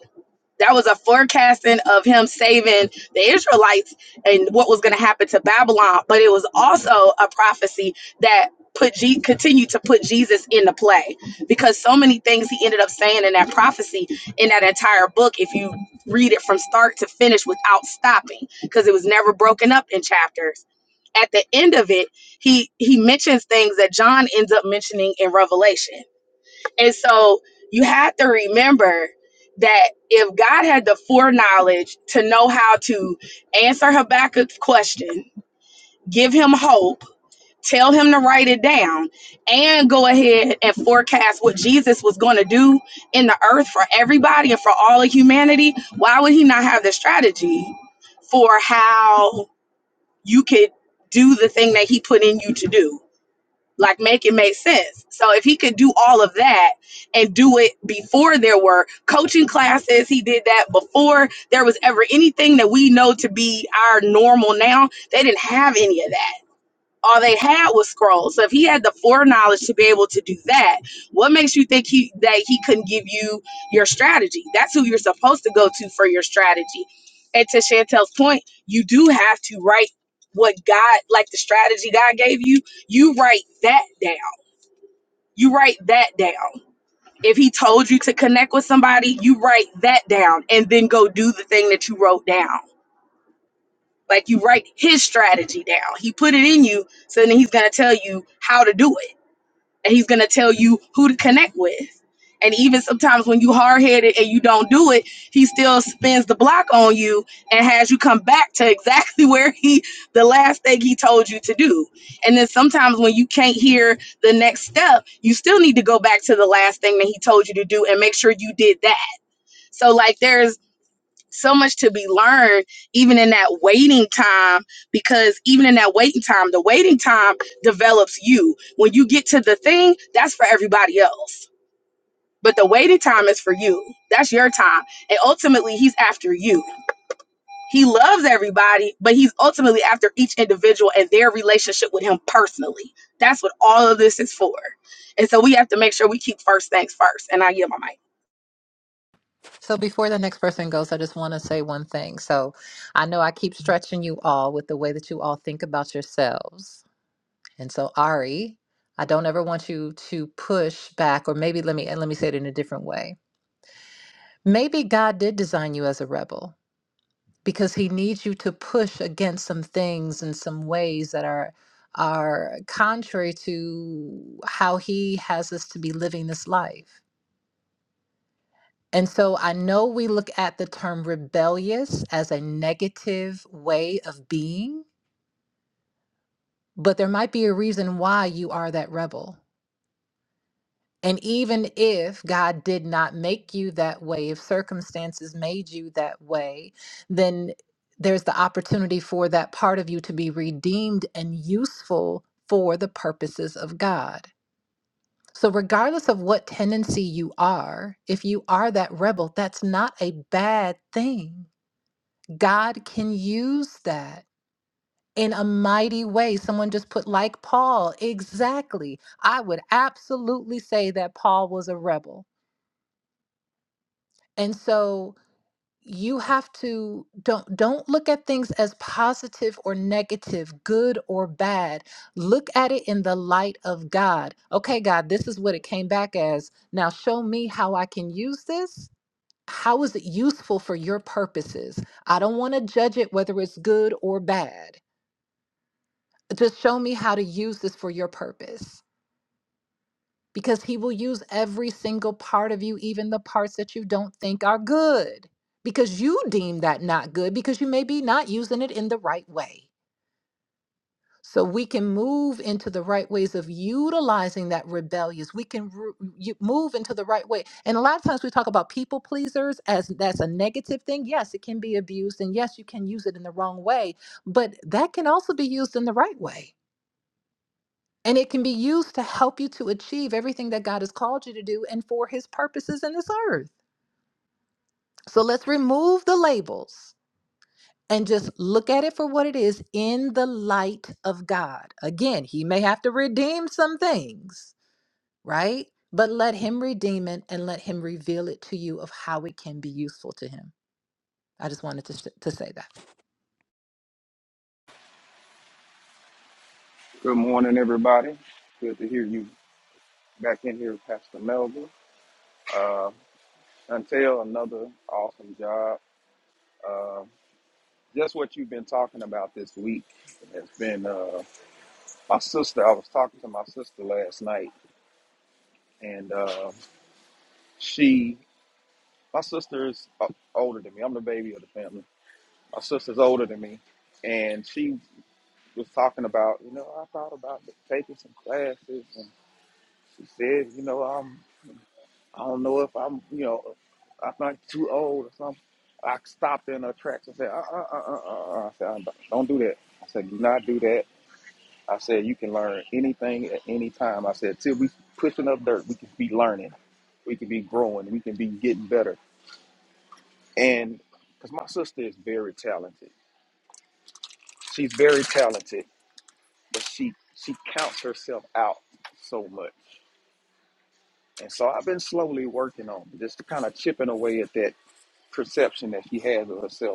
Speaker 8: that was a forecasting of him saving the Israelites and what was going to happen to Babylon. But it was also a prophecy that put Je- continued to put Jesus into play because so many things he ended up saying in that prophecy in that entire book, if you read it from start to finish without stopping, because it was never broken up in chapters. At the end of it, he he mentions things that John ends up mentioning in Revelation and so you have to remember that if God had the foreknowledge to know how to answer Habakkuk's question, give him hope, tell him to write it down, and go ahead and forecast what Jesus was going to do in the earth for everybody and for all of humanity, why would he not have the strategy for how you could do the thing that he put in you to do? like make it make sense so if he could do all of that and do it before there were coaching classes he did that before there was ever anything that we know to be our normal now they didn't have any of that all they had was scrolls. So if he had the foreknowledge to be able to do that, what makes you think he that he couldn't give you your strategy? That's who you're supposed to go to for your strategy. And to Chantel's point, you do have to write what God, like the strategy God gave you, you write that down. You write that down. If he told you to connect with somebody, you write that down and then go do the thing that you wrote down. Like you write his strategy down. He put it in you, so then he's gonna tell you how to do it and he's gonna tell you who to connect with. And even sometimes when you hard headed and you don't do it, he still spins the block on you and has you come back to exactly where he the last thing he told you to do. And then sometimes when you can't hear the next step, you still need to go back to the last thing that he told you to do and make sure you did that. So like there's so much to be learned even in that waiting time because even in that waiting time the waiting time develops you when you get to the thing that's for everybody else but the waiting time is for you that's your time and ultimately he's after you he loves everybody but he's ultimately after each individual and their relationship with him personally that's what all of this is for and so we have to make sure we keep first things first and i yield my mic
Speaker 6: So before the next person goes, I just want to say one thing. So I know I keep stretching you all with the way that you all think about yourselves. And so Ari, I don't ever want you to push back or maybe let me and let me say it in a different way. Maybe God did design you as a rebel. because he needs you to push against some things in some ways that are are contrary to how he has us to be living this life. And so I know we look at the term rebellious as a negative way of being, but there might be a reason why you are that rebel. And even if God did not make you that way, if circumstances made you that way, then there's the opportunity for that part of you to be redeemed and useful for the purposes of God. So, regardless of what tendency you are, if you are that rebel, that's not a bad thing. God can use that in a mighty way. Someone just put, like Paul, exactly. I would absolutely say that Paul was a rebel And so you have to don't don't look at things as positive or negative, good or bad. Look at it in the light of God. Okay, God, this is what it came back as. Now show me how I can use this. How is it useful for your purposes? I don't want to judge it whether it's good or bad. Just show me how to use this for your purpose. because he will use every single part of you, even the parts that you don't think are good, because you deem that not good, because you may be not using it in the right way. So we can move into the right ways of utilizing that rebellious. We can ru- you- move into the right way. And a lot of times we talk about people pleasers as that's a negative thing. Yes, it can be abused, and yes, you can use it in the wrong way, but that can also be used in the right way and it can be used to help you to achieve everything that God has called you to do and for his purposes in this earth. So let's remove the labels and just look at it for what it is in the light of God. Again, he may have to redeem some things, right? But let him redeem it and let him reveal it to you of how it can be useful to him. I just wanted to, s- to say that.
Speaker 5: Good morning, everybody. Good to hear you back in here, Pastor Melvin. Uh, until another awesome job. Uh, just what you've been talking about this week has been uh, my sister. I was talking to my sister last night, and uh, she, my sister is o- older than me. I'm the baby of the family. My sister's older than me, and she was talking about, you know, I thought about taking some classes, and she said, you know, I'm I don't know if I'm, you know, if I'm not too old or something. I stopped in her tracks and said, uh, uh, uh, uh, uh. uh. I said, "Don't don't do that. I said, do not do that. I said, you can learn anything at any time. I said, till we pushing up dirt, we can be learning, we can be growing, we can be getting better. And because my sister is very talented, she's very talented, but she she counts herself out so much. And so I've been slowly working on it, just kind of chipping away at that perception that she has of herself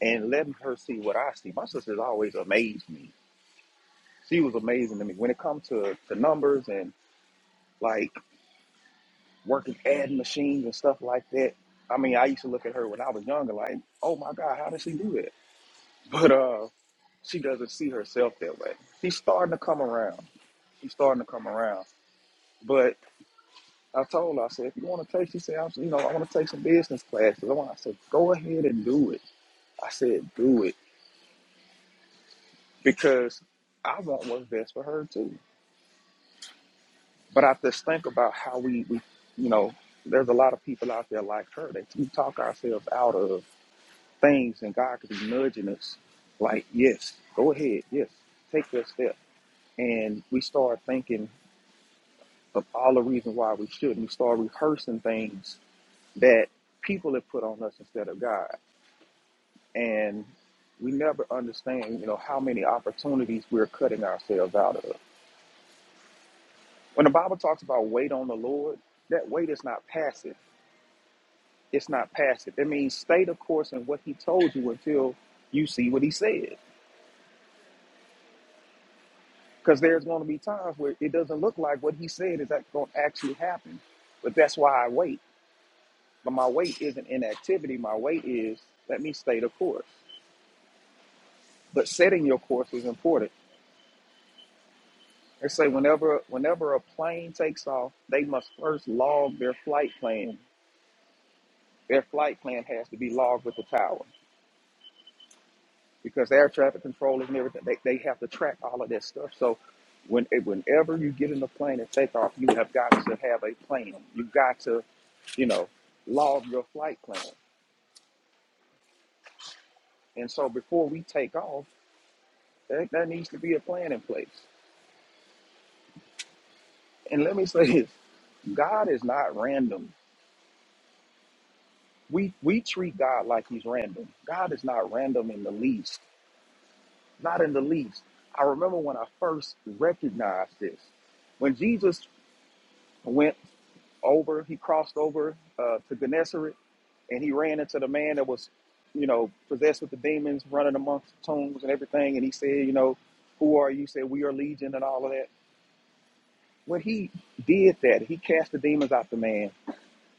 Speaker 5: and letting her see what I see. My sister's always amazed me. She was amazing to me when it comes to, to numbers and like working ad machines and stuff like that. I mean, I used to look at her when I was younger, like, oh my God, how does she do that? But uh, she doesn't see herself that way. She's starting to come around. She's starting to come around. But I told her, I said, if you want to take, she said, I'm, you know, I want to take some business classes. I want, I said, go ahead and do it. I said, do it because I want what's best for her too. But I just think about how we, we you know, there's a lot of people out there like her that we talk ourselves out of things, and God could be nudging us, like, yes, go ahead, yes, take that step, and we start thinking of all the reasons why we shouldn't. We start rehearsing things that people have put on us instead of God, and we never understand, you know, how many opportunities we're cutting ourselves out of. When the Bible talks about wait on the Lord, that wait is not passive It's not passive. It means stay the course in what he told you until you see what he said. Because there's going to be times where it doesn't look like what he said is going to actually happen. But that's why I wait. But my wait isn't inactivity. My wait is let me stay the course. But setting your course is important. They say whenever whenever a plane takes off, they must first log their flight plan. Their flight plan has to be logged with the tower. because air traffic controllers and everything, they, they have to track all of that stuff. So when whenever you get in the plane and take off, you have got to have a plan. You've got to, you know, log your flight plan. And so before we take off, there, there needs to be a plan in place. And let me say this, God is not random. We we treat God like he's random. God is not random in the least. Not in the least. I remember when I first recognized this. When Jesus went over. He crossed over uh, to Gennesaret, and he ran into the man that was, you know, possessed with the demons, running amongst the tombs and everything. And he said, you know, who are you? He said we are legion and all of that. When he did that, he cast the demons out the man.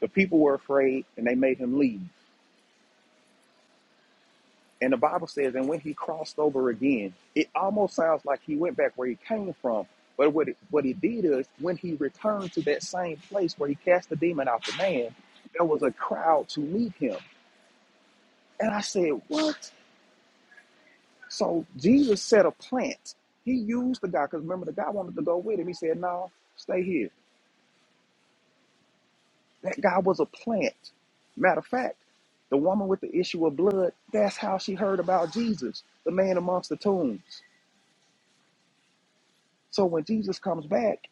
Speaker 5: The people were afraid, and they made him leave. And the Bible says, and when he crossed over again, it almost sounds like he went back where he came from. But what it, what he did is, when he returned to that same place where he cast the demon out the man, there was a crowd to meet him And I said, What? So Jesus set a plant. He used the guy, because remember, the guy wanted to go with him. He said, No, stay here. That guy was a plant. Matter of fact, the woman with the issue of blood, that's how she heard about Jesus, the man amongst the tombs. So when Jesus comes back,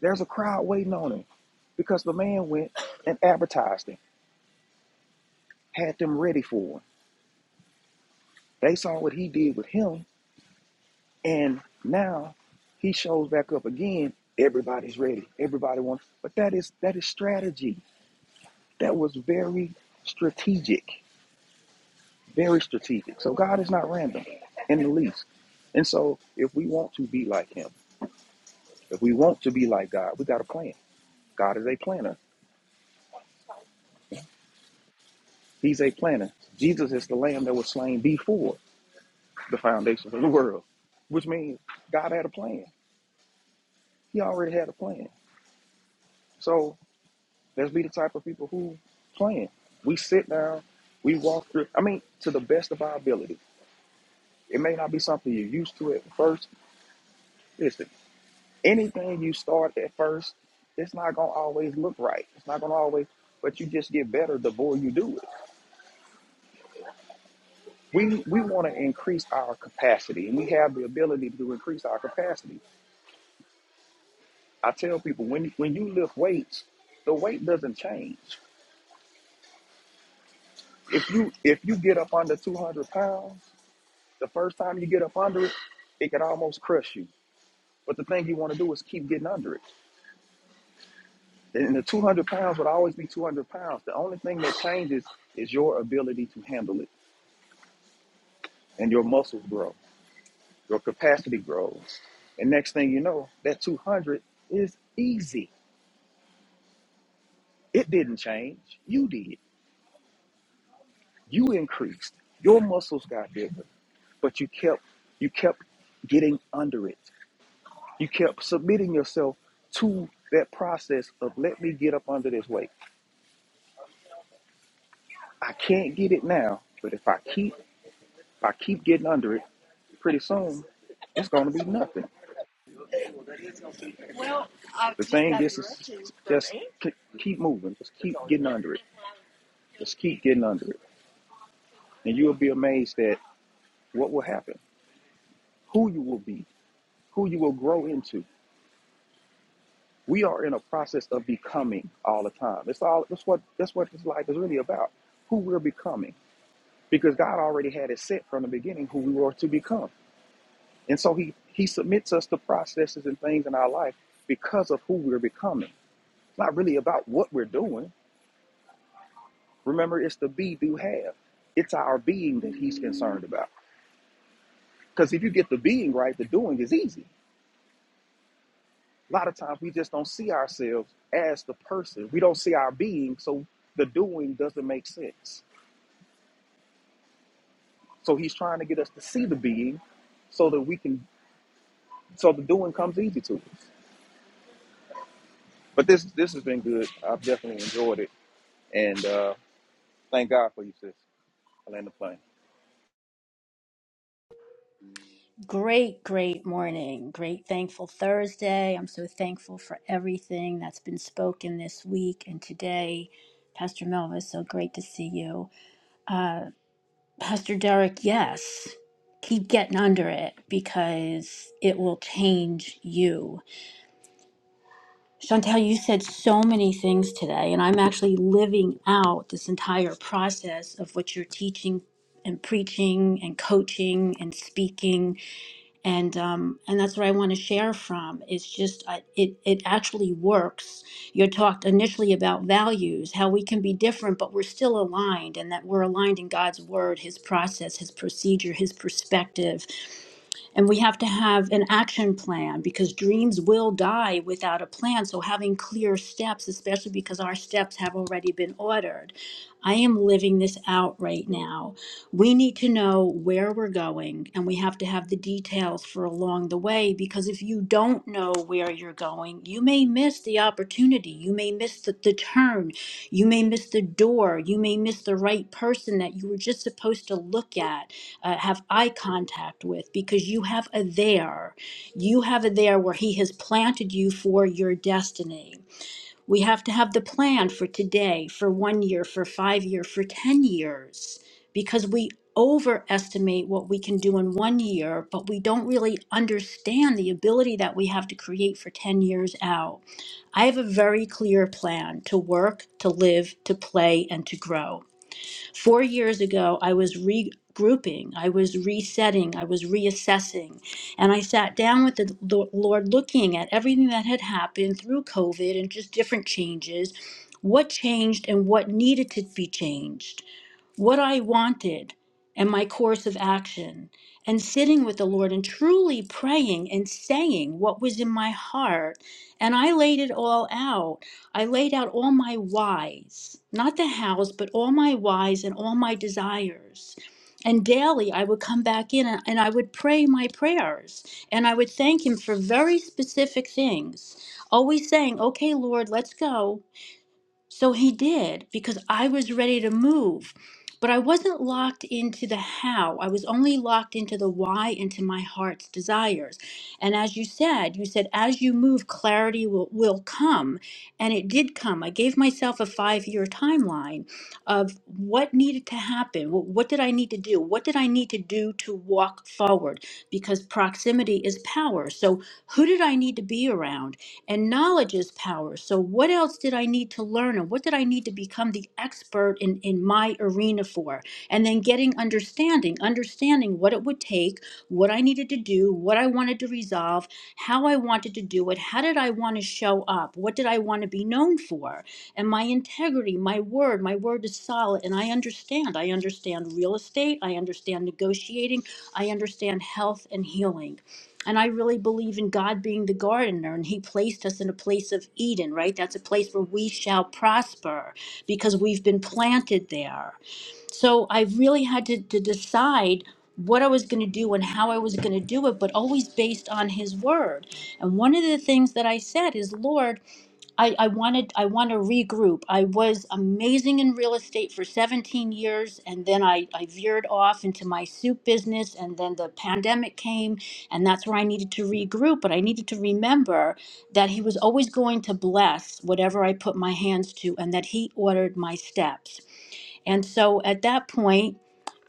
Speaker 5: there's a crowd waiting on him because the man went and advertised him, had them ready for him. They saw what he did with him, And now he shows back up again. Everybody's ready. Everybody wants. But that is that is strategy. That was very strategic. Very strategic. So God is not random in the least. And so if we want to be like him, if we want to be like God, we got a plan. God is a planner. He's a planner. Jesus is the lamb that was slain before the foundation of the world, which means God had a plan. He already had a plan. So Let's be the type of people who plan. We sit down, we walk through. I mean, to the best of our ability. It may not be something you're used to at first. Listen, anything you start at first, it's not gonna always look right. It's not gonna always, but you just get better the more you do it. We we want to increase our capacity, and we have the ability to increase our capacity. I tell people when when you lift weights, the weight doesn't change. If you if you get up under 200 pounds The first time you get up under it, it could almost crush you. But the thing you want to do is keep getting under it. And the 200 pounds would always be 200 pounds. The only thing that changes is your ability to handle it, and your muscles grow, your capacity grows. And next thing you know, that 200 is easy. It didn't change. You did. You increased. Your muscles got bigger, but you kept you kept getting under it. You kept submitting yourself to that process of let me get up under this weight. I can't get it now, but if I keep if I keep getting under it, pretty soon it's going to be nothing. Well, I The thing is, is just k- keep moving, just keep getting under it, just keep getting under it, and you'll be amazed at what will happen, who you will be, who you will grow into. We are in a process of becoming all the time. It's all that's what that's what this life is really about. Who we're becoming, because God already had it set from the beginning who we were to become. And so he he submits us to processes and things in our life because of who we're becoming. It's not really about what we're doing. Remember, it's the be do have. It's our being that he's concerned about. Because if you get the being right, the doing is easy. A lot of times we just don't see ourselves as the person. We don't see our being, so the doing doesn't make sense. So he's trying to get us to see the being so that we can so the doing comes easy to us. But this this has been good. I've definitely enjoyed it. And uh thank God for you, sis. I land the plane.
Speaker 2: Great, great morning. Great, thankful Thursday. I'm so thankful for everything that's been spoken this week and today. Pastor Melva, so great to see you. Pastor Derek, yes, keep getting under it because it will change you Chantel, you said so many things today, and I'm actually living out this entire process of what you're teaching and preaching and coaching and speaking, and um, and that's what I want to share from. It's just I, it it actually works. You talked initially about values, how we can be different, but we're still aligned, and that we're aligned in God's word, His process, His procedure, His perspective, and we have to have an action plan because dreams will die without a plan. So, having clear steps, especially because our steps have already been ordered. I am living this out right now. We need to know where we're going and we have to have the details for along the way because if you don't know where you're going, you may miss the opportunity. You may miss the, the turn. You may miss the door. You may miss the right person that you were just supposed to look at uh, have eye contact with because you have a there. You have a there where He has planted you for your destiny. We have to have the plan for today, for one year, for five year, for 10 years, because we overestimate what we can do in one year, but we don't really understand the ability that we have to create for 10 years out. I have a very clear plan to work, to live, to play, and to grow. Four years ago, I was regrouping, I was resetting, I was reassessing. And I sat down with the Lo- Lord looking at everything that had happened through COVID and just different changes. What changed and what needed to be changed? what I wanted and my course of action, and sitting with the Lord and truly praying and saying what was in my heart. And I laid it all out. I laid out all my whys, not the hows, but all my whys and all my desires. And daily I would come back in and, and I would pray my prayers and I would thank Him for very specific things, always saying, Okay, Lord, let's go. So he did because I was ready to move. But I wasn't locked into the how. I was only locked into the why, into my heart's desires. And as you said, you said, as you move, clarity will, will come. And it did come. I gave myself a five year timeline of what needed to happen. Wh- What did I need to do? What did I need to do to walk forward? Because proximity is power. So who did I need to be around? And knowledge is power. So, what else did I need to learn? And what did I need to become the expert in, in my arena for? And then getting understanding, understanding what it would take, what I needed to do, what I wanted to resolve, how I wanted to do it, how did I want to show up, what did I want to be known for? And my integrity, my word, my word is solid. And I understand. I understand real estate, I understand negotiating, I understand health and healing. And I really believe in God being the gardener, and He placed us in a place of Eden, right? That's a place where we shall prosper because we've been planted there. So I really had to, to decide what I was going to do and how I was going to do it, but always based on His word. And one of the things that I said is, Lord, I, I wanted I want to regroup. I was amazing in real estate for 17 years and then I, I veered off into my soup business and then the pandemic came and that's where I needed to regroup, but I needed to remember that he was always going to bless whatever I put my hands to and that he ordered my steps. And so at that point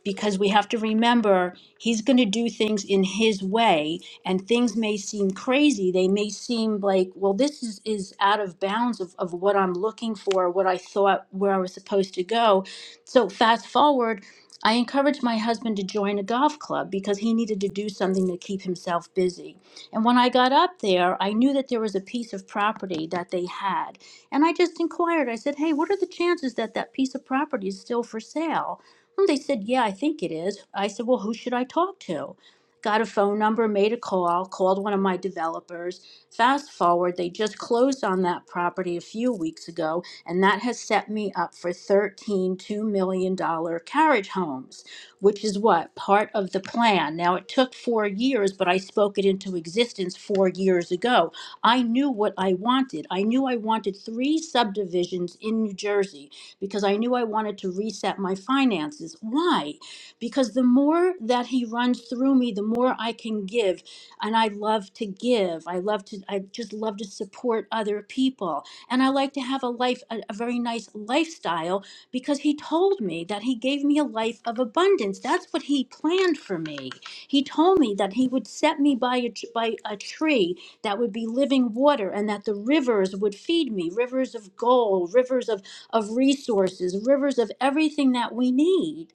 Speaker 2: because we have to remember he's going to do things in his way and things may seem crazy they may seem like well this is, is out of bounds of, of what i'm looking for what i thought where i was supposed to go so fast forward i encouraged my husband to join a golf club because he needed to do something to keep himself busy and when i got up there i knew that there was a piece of property that they had and i just inquired i said hey what are the chances that that piece of property is still for sale Oh, they said, Yeah, I think it is. I said, Well, who should I talk to? Got a phone number, made a call, called one of my developers. Fast forward, they just closed on that property a few weeks ago, and that has set me up for thirteen two million dollars carriage homes, which is what? Part of the plan. Now, it took four years, but I spoke it into existence four years ago. I knew what I wanted. I knew I wanted three subdivisions in New Jersey because I knew I wanted to reset my finances. Why? Because the more that he runs through me, the more I can give. And I love to give. I love to, I just love to support other people. And I like to have a life, a, a very nice lifestyle because he told me that he gave me a life of abundance. That's what he planned for me. He told me that he would set me by a, tr- by a tree that would be living water and that the rivers would feed me rivers of gold, rivers of of resources, rivers of everything that we need.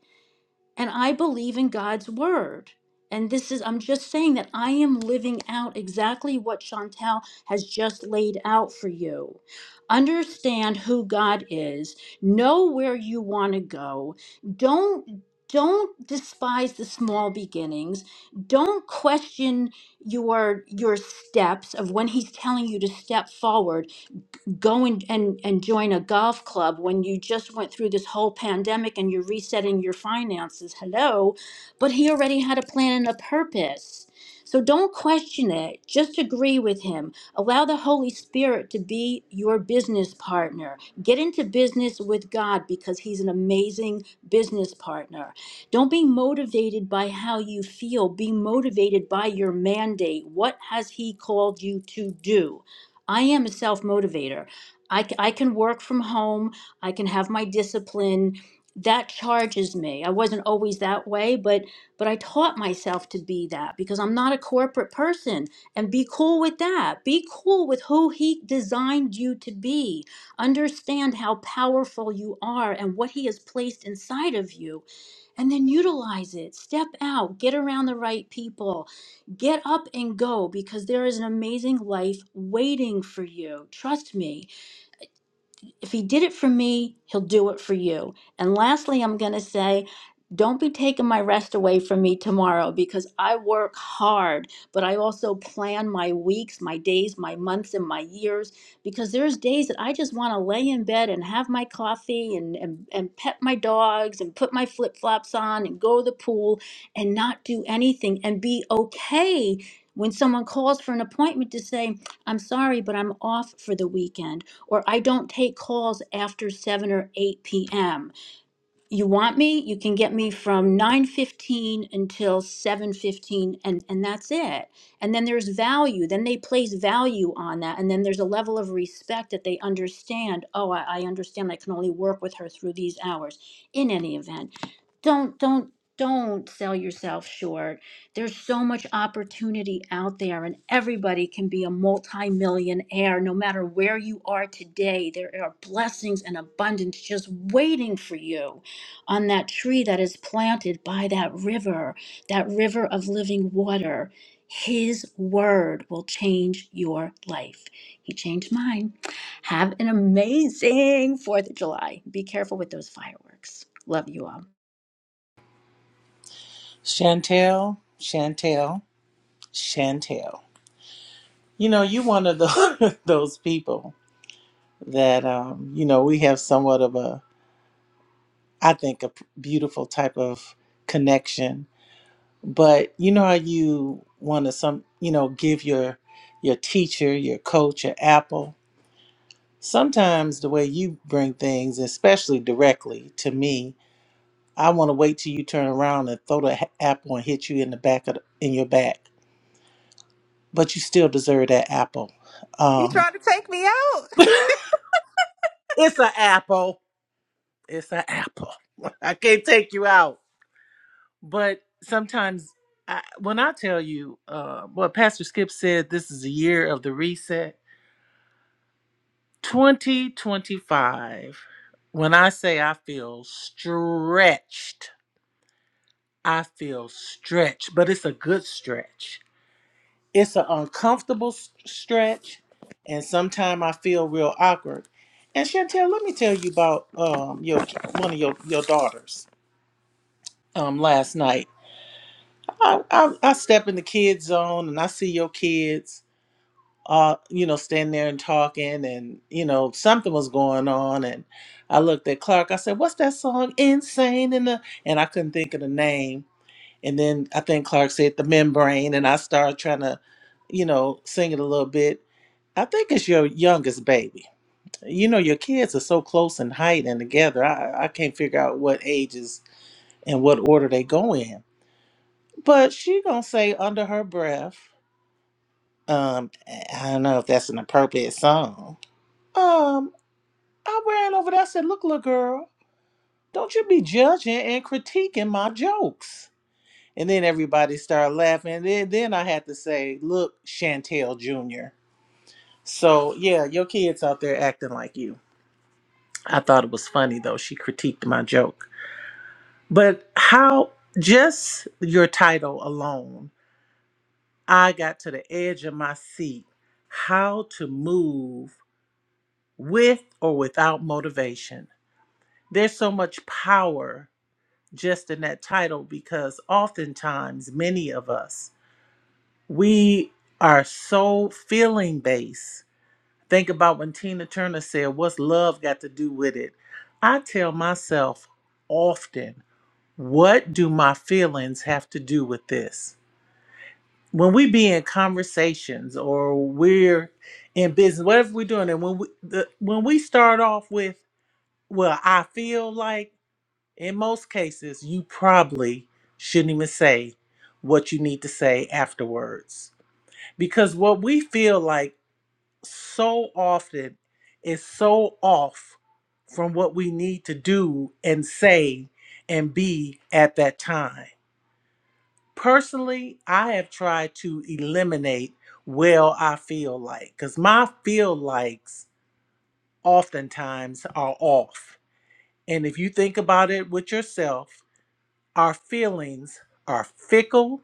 Speaker 2: And I believe in God's word. And this is, I'm just saying that I am living out exactly what Chantel has just laid out for you. Understand who God is, know where you want to go. Don't don't despise the small beginnings. Don't question your your steps of when he's telling you to step forward go and, and, and join a golf club when you just went through this whole pandemic and you're resetting your finances. Hello. But he already had a plan and a purpose. So don't question it. Just agree with him. Allow the Holy Spirit to be your business partner. Get into business with God because he's an amazing business partner. Don't be motivated by how you feel. Be motivated by your mandate. What has he called you to do? I am a self motivator. I I can work from home. I can have my discipline. That charges me. I wasn't always that way, but but I taught myself to be that because I'm not a corporate person. And be cool with that. Be cool with who he designed you to be. Understand how powerful you are and what he has placed inside of you, and then utilize it. Step out. Get around the right people. Get up and go because there is an amazing life waiting for you. Trust me if he did it for me, he'll do it for you. And lastly, I'm going to say, don't be taking my rest away from me tomorrow because I work hard, but I also plan my weeks, my days, my months, and my years because there's days that I just want to lay in bed and have my coffee and, and, and pet my dogs and put my flip flops on and go to the pool and not do anything and be okay when someone calls for an appointment to say, I'm sorry, but I'm off for the weekend or I don't take calls after 7 or 8 p.m you want me, you can get me from 9:15 until 7:15 and and that's it. And then there's value. Then they place value on that and then there's a level of respect that they understand. Oh, I, I understand I can only work with her through these hours. In any event, don't don't don't sell yourself short. There's so much opportunity out there and everybody can be a multi-millionaire no matter where you are today. There are blessings and abundance just waiting for you on that tree that is planted by that river, that river of living water. His word will change your life. He changed mine. Have an amazing 4th of July. Be careful with those fireworks. Love you all.
Speaker 4: Chantel, Chantel, Chantel. You know, you one of the, those people that, um, you know, we have somewhat of a, I think, a p- beautiful type of connection. But you know how you want to some, you know, give your your teacher, your coach, your apple. Sometimes the way you bring things, especially directly to me, I want to wait till you turn around and throw the ha- apple and hit you in the back of the, in your back. But you still deserve that apple.
Speaker 6: You
Speaker 4: Um,
Speaker 6: trying to take me out?
Speaker 4: it's an apple. It's an apple. I can't take you out. But sometimes, I, when I tell you uh, what Pastor Skip said, this is a year of the reset. 2025. When I say I feel stretched I feel stretched, but it's a good stretch. It's an uncomfortable s- stretch, and sometimes I feel real awkward. And Chantel, let me tell you about um your one of your your daughters. Um, last night, I, I I step in the kids zone and I see your kids, uh, you know, standing there and talking, and you know something was going on, and I looked at Clark. I said, "What's that song? Insane in the," and I couldn't think of the name and then I think Clark said the membrane, and I started trying to, you know, sing it a little bit. I think it's your youngest baby. You know, your kids are so close in height and together. I, I can't figure out what ages and what order they go in. But she gonna say under her breath, um, I don't know if that's an appropriate song. Um, I ran over there. I said, "Look, little girl, don't you be judging and critiquing my jokes." And then everybody started laughing. And then, then I had to say, look, Chantel Jr. So, yeah, your kid's out there acting like you. I thought it was funny, though. She critiqued my joke. But how, just your title alone, I got to the edge of my seat. How to move with or without motivation. There's so much power just in that title because oftentimes, many of us, we are so feeling based. Think about when Tina Turner said, What's love got to do with it? I tell myself often, What do my feelings have to do with this? When we be in conversations or we're in business, whatever we're doing, and when we the, when we start off with, well, I feel like in most cases, you probably shouldn't even say what you need to say afterwards because what we feel like so often is so off from what we need to do and say and be at that time. Personally, I have tried to eliminate well I feel like because my feel likes oftentimes are off. And if you think about it with yourself, our feelings are fickle.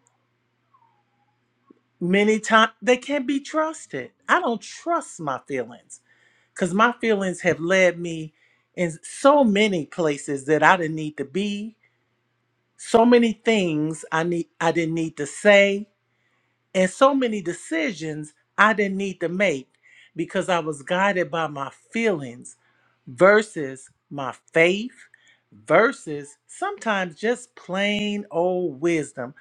Speaker 4: Many times they can't be trusted. I don't trust my feelings. because my feelings have led me in so many places that I didn't need to be, so many things I need I didn't need to say, and so many decisions I didn't need to make because I was guided by my feelings versus my faith versus sometimes just plain old wisdom.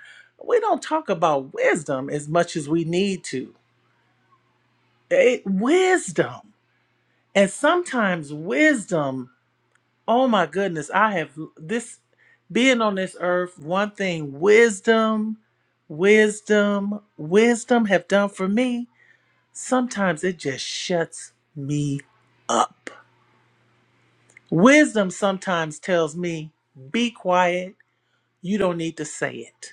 Speaker 4: We don't talk about wisdom as much as we need to. It, wisdom. And sometimes wisdom Oh my goodness, I have this being on this earth, one thing wisdom, wisdom, wisdom have done for me. Sometimes it just shuts me up. Wisdom sometimes tells me, be quiet, you don't need to say it.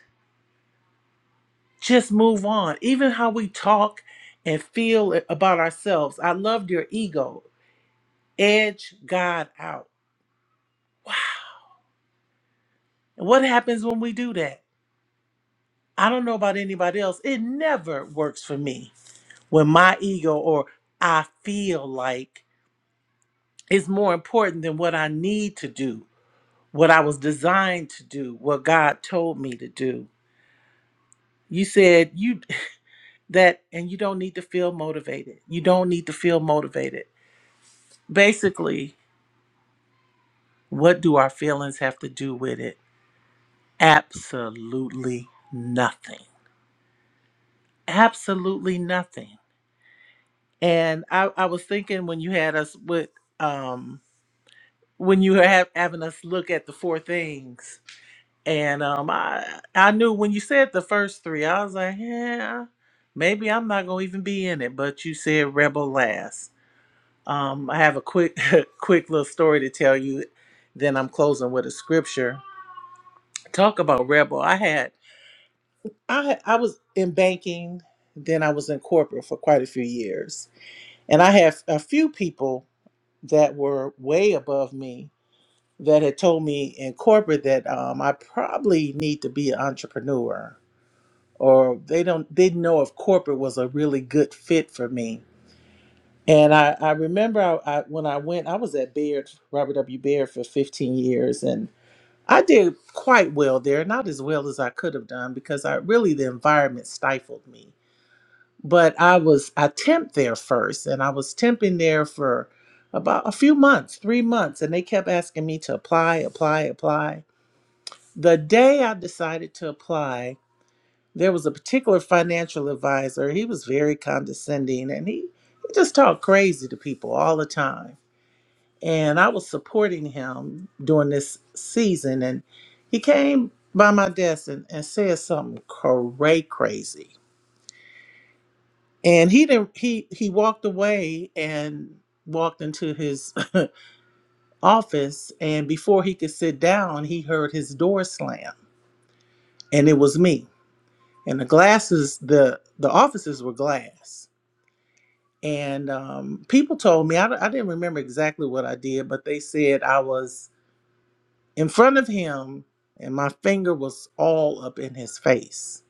Speaker 4: Just move on. Even how we talk and feel about ourselves. I loved your ego. Edge God out. What happens when we do that? I don't know about anybody else. It never works for me when my ego or I feel like is more important than what I need to do, what I was designed to do, what God told me to do. You said you that and you don't need to feel motivated. You don't need to feel motivated. Basically, what do our feelings have to do with it? Absolutely nothing. Absolutely nothing. And I, I was thinking when you had us with um when you were ha- having us look at the four things. And um, I I knew when you said the first three, I was like, yeah, maybe I'm not gonna even be in it. But you said rebel last. Um, I have a quick quick little story to tell you. Then I'm closing with a scripture. Talk about rebel. I had I I was in banking. Then I was in corporate for quite a few years, and I have a few people that were way above me that had told me in corporate that um, I probably need to be an entrepreneur, or they don't didn't know if corporate was a really good fit for me. And I, I remember I, I, when I went, I was at Baird, Robert W. Baird for 15 years, and I did quite well there, not as well as I could have done because I really the environment stifled me. But I was I temped there first, and I was temping there for about a few months, three months, and they kept asking me to apply, apply, apply the day I decided to apply, there was a particular financial advisor. He was very condescending and he, he just talked crazy to people all the time. And I was supporting him during this season. And he came by my desk and, and said something cray crazy. And he didn't he he walked away and walked into his office and before he could sit down, he heard his door slam. And it was me. and the glasses the the offices were glass and um, people told me I, d- I didn't remember exactly what i did but they said i was in front of him and my finger was all up in his face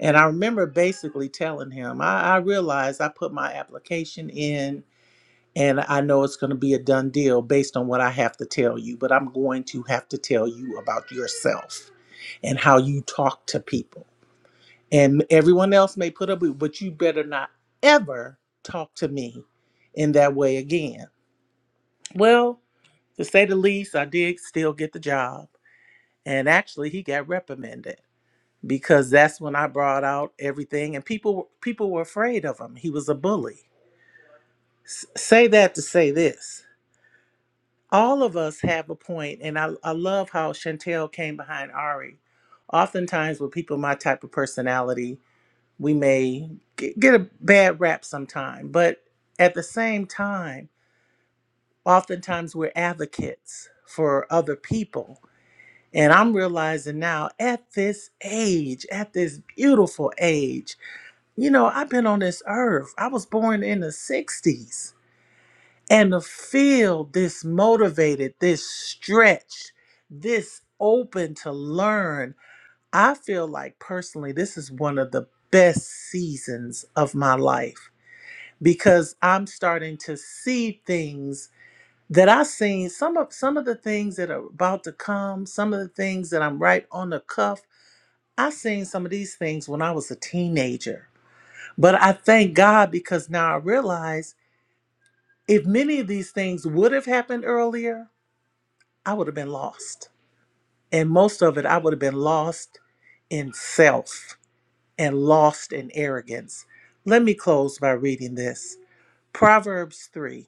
Speaker 4: and i remember basically telling him i, I realized i put my application in and i know it's going to be a done deal based on what i have to tell you but i'm going to have to tell you about yourself and how you talk to people and everyone else may put up with it, but you better not ever talk to me in that way again. Well, to say the least, I did still get the job. And actually he got reprimanded because that's when I brought out everything and people people were afraid of him. He was a bully. S- say that to say this. All of us have a point, and I, I love how Chantel came behind Ari. Oftentimes with people my type of personality, we may g- get a bad rap sometime, but at the same time, oftentimes we're advocates for other people. And I'm realizing now at this age, at this beautiful age, you know, I've been on this earth. I was born in the 60s. And to feel this motivated, this stretched, this open to learn, I feel like personally, this is one of the best seasons of my life because I'm starting to see things that I've seen some of some of the things that are about to come, some of the things that I'm right on the cuff. I seen some of these things when I was a teenager. But I thank God because now I realize if many of these things would have happened earlier, I would have been lost. And most of it I would have been lost in self and lost in arrogance. Let me close by reading this. Proverbs 3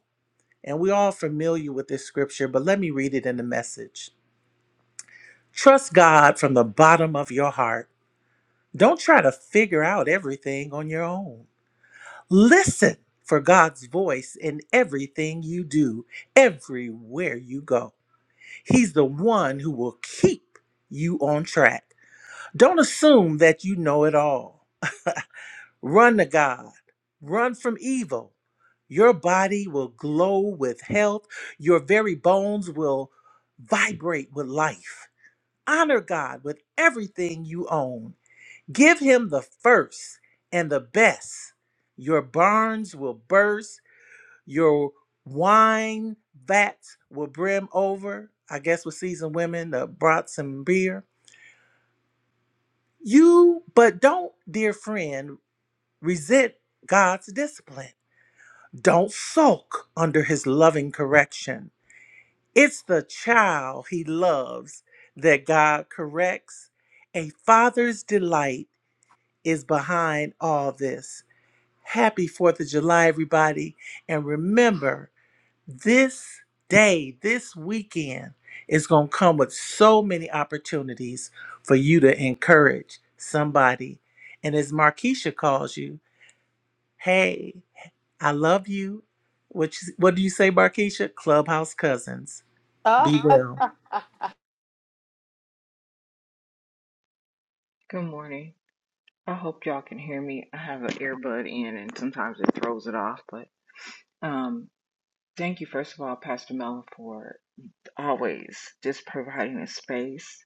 Speaker 4: And we're all familiar with this scripture, but let me read it in the message. Trust God from the bottom of your heart. Don't try to figure out everything on your own. Listen for God's voice in everything you do, everywhere you go. He's the one who will keep you on track. Don't assume that you know it all. Run to God. Run from evil. Your body will glow with health. Your very bones will vibrate with life. Honor God with everything you own. Give Him the first and the best. Your barns will burst. Your wine vats will brim over. I guess with seasoned women, the brats and beer. You, but don't, dear friend, resent God's discipline. Don't sulk under his loving correction. It's the child he loves that God corrects. A father's delight is behind all this. Happy 4th of July, everybody. And remember, this day, this weekend, is going to come with so many opportunities for you to encourage somebody. And as Markeisha calls you, hey, I love you. What you, what do you say, Barkeisha? Clubhouse cousins.
Speaker 10: Ah,
Speaker 4: Be well.
Speaker 11: Good morning. I hope y'all can hear me. I have an earbud in and sometimes it throws it off, but um thank you first of all, Pastor Melvin, for always just providing a space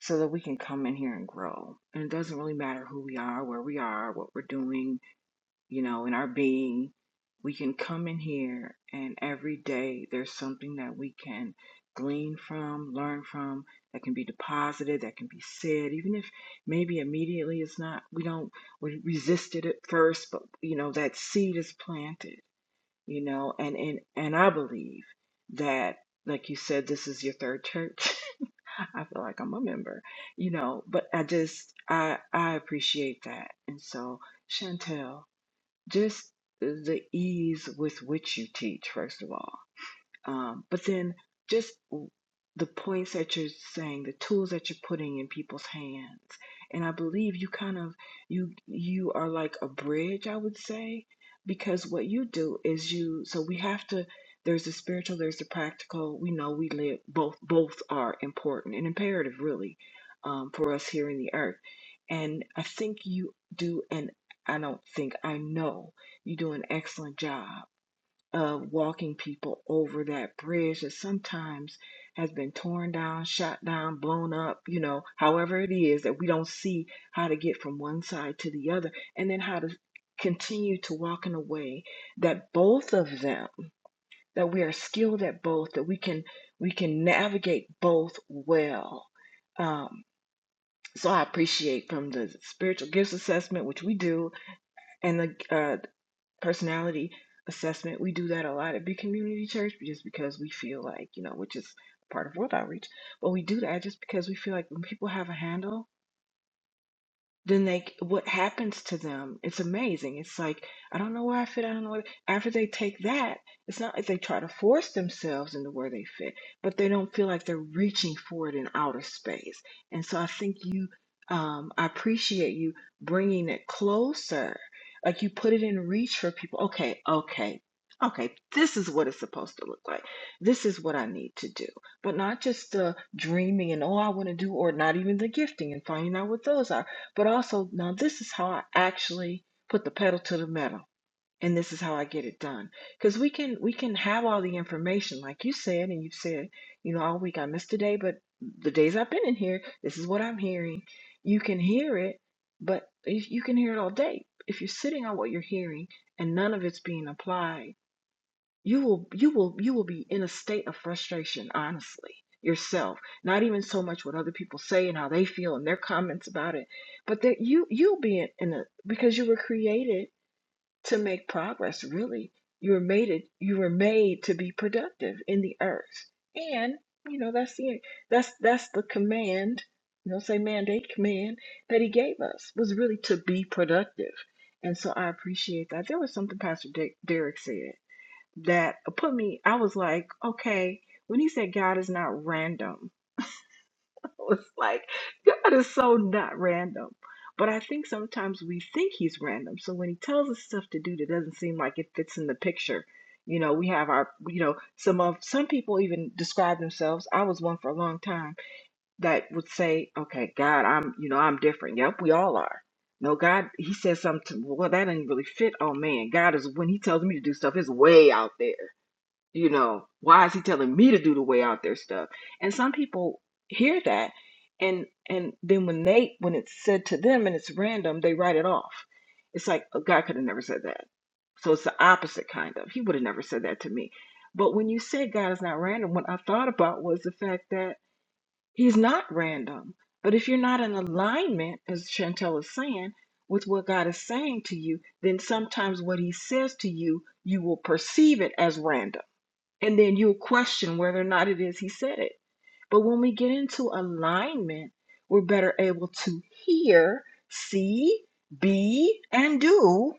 Speaker 11: so that we can come in here and grow. And it doesn't really matter who we are, where we are, what we're doing, you know, in our being, we can come in here and every day there's something that we can glean from, learn from, that can be deposited, that can be said, even if maybe immediately it's not, we don't, we resisted it at first, but you know, that seed is planted, you know, and, and, and I believe that, like you said, this is your third church. I feel like I'm a member, you know, but I just, I, I appreciate that. And so, Chantel, just the ease with which you teach, first of all. Um, but then just the points that you're saying, the tools that you're putting in people's hands. And I believe you kind of you you are like a bridge, I would say, because what you do is you so we have to there's the spiritual, there's the practical. We know we live both both are important and imperative really um, for us here in the earth. And I think you do an I don't think I know you do an excellent job of walking people over that bridge that sometimes has been torn down, shot down, blown up, you know, however it is that we don't see how to get from one side to the other and then how to continue to walk in a way that both of them that we are skilled at both that we can we can navigate both well um, so i appreciate from the spiritual gifts assessment which we do and the uh, personality assessment. We do that a lot at Big Community Church just because we feel like, you know, which is part of World Outreach, but we do that just because we feel like when people have a handle then they what happens to them it's amazing it's like i don't know where i fit i don't know where after they take that it's not like they try to force themselves into where they fit but they don't feel like they're reaching for it in outer space and so i think you um i appreciate you bringing it closer like you put it in reach for people okay okay okay this is what it's supposed to look like this is what i need to do but not just the dreaming and oh i want to do or not even the gifting and finding out what those are but also, now this is how I actually put the pedal to the metal and this is how I get it done. Because we can we can have all the information, like you said, and you've said, you know, all week I missed a day, but the days I've been in here, this is what I'm hearing. You can hear it, but if you can hear it all day. If you're sitting on what you're hearing and none of it's being applied, you will you will you will be in a state of frustration honestly yourself not even so much what other people say and how they feel and their comments about it but that you you'll be in, in a because you were created to make progress really you were made it you were made to be productive in the earth and you know that's the that's that's the command you know say mandate command that he gave us was really to be productive and so i appreciate that there was something pastor Dick, derek said that put me, I was like, okay, when he said God is not random, I was like, God is so not random. But I think sometimes we think he's random. So when he tells us stuff to do that doesn't seem like it fits in the picture, you know, we have our, you know, some of, some people even describe themselves. I was one for a long time that would say, okay, God, I'm, you know, I'm different. Yep, we all are. No, God, he says something. Well, that didn't really fit. Oh man, God is when he tells me to do stuff, it's way out there. You know, why is he telling me to do the way out there stuff? And some people hear that and and then when they when it's said to them and it's random, they write it off. It's like oh, God could have never said that. So it's the opposite kind of. He would have never said that to me. But when you say God is not random, what I thought about was the fact that he's not random. But if you're not in alignment, as Chantel is saying, with what God is saying to you, then sometimes what he says to you, you will perceive it as random and then you'll question whether or not it is he said it. But when we get into alignment, we're better able to hear, see, be, and do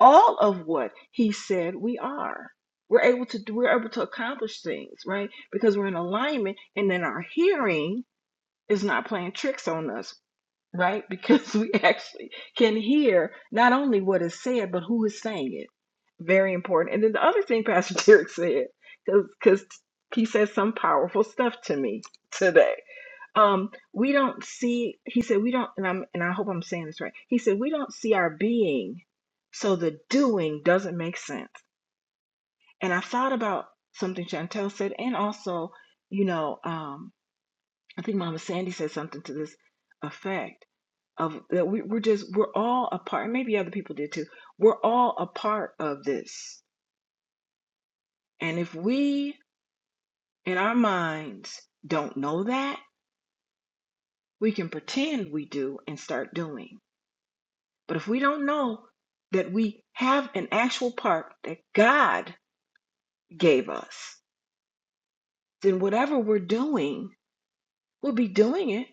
Speaker 11: all of what he said we are. We're able to we're able to accomplish things, right? Because we're in alignment and then our hearing is not playing tricks on us right? Because we actually can hear not only what is said, but who is saying it. Very important. And then the other thing Pastor Derek said, because he said some powerful stuff to me today. Um, we don't see, he said, we don't, and I'm, and I hope I'm saying this right. He said, we don't see our being, so the doing doesn't make sense. And I thought about something Chantel said, and also, you know, um, I think Mama Sandy said something to this effect of that we, we're just we're all a part and maybe other people did too we're all a part of this and if we in our minds don't know that we can pretend we do and start doing but if we don't know that we have an actual part that god gave us then whatever we're doing we'll be doing it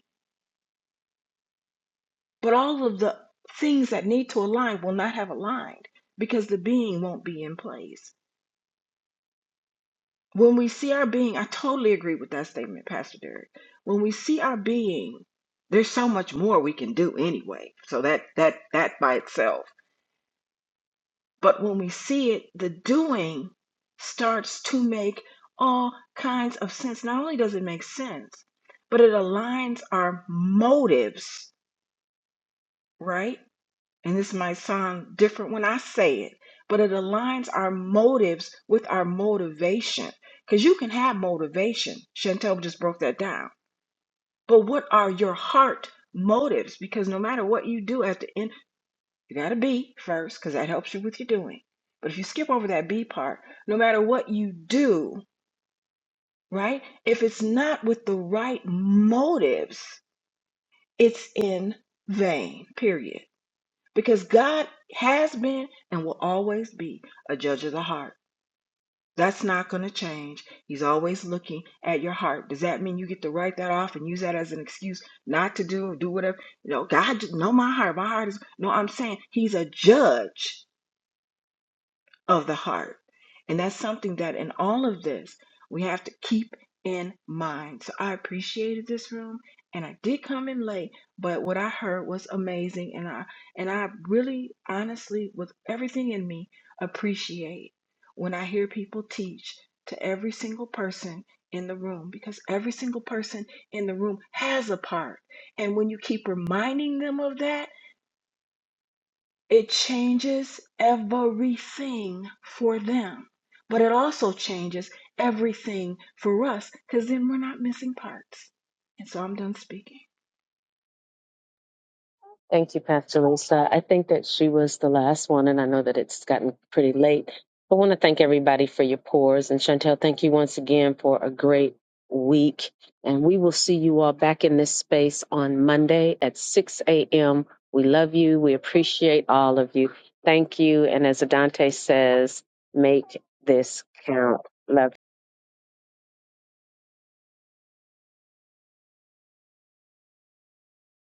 Speaker 11: but all of the things that need to align will not have aligned because the being won't be in place When we see our being, I totally agree with that statement, Pastor Derek. When we see our being, there's so much more we can do anyway. So that that that by itself. But when we see it, the doing starts to make all kinds of sense. Not only does it make sense, but it aligns our motives, right? and this might sound different when I say it, but it aligns our motives with our motivation. Because you can have motivation. Chantel just broke that down. But what are your heart motives? Because no matter what you do at the end, you got to be first, because that helps you with your doing. But if you skip over that B part, no matter what you do, right? If it's not with the right motives, it's in vain, period. because God has been and will always be a judge of the heart. That's not going to change. He's always looking at your heart. Does that mean you get to write that off and use that as an excuse not to do or do whatever? You know, God, know my heart. My heart is no. I'm saying He's a judge of the heart. And that's something that in all of this, we have to keep in mind. So I appreciated this room and I did come in late, but what I heard was amazing and I and I really honestly with everything in me appreciate when I hear people teach to every single person in the room because every single person in the room has a part. And when you keep reminding them of that, it changes everything for them, but it also changes everything for us because then we're not missing parts. And so I'm done speaking.
Speaker 1: Thank you, Pastor Lisa. I think that she was the last one, and I know that it's gotten pretty late. I want to thank everybody for your pours. And Chantel, thank you once again for a great week. And we will see you all back in this space on Monday at 6 a.m. We love you. We appreciate all of you. Thank you. And as Adante says, make this count. Love.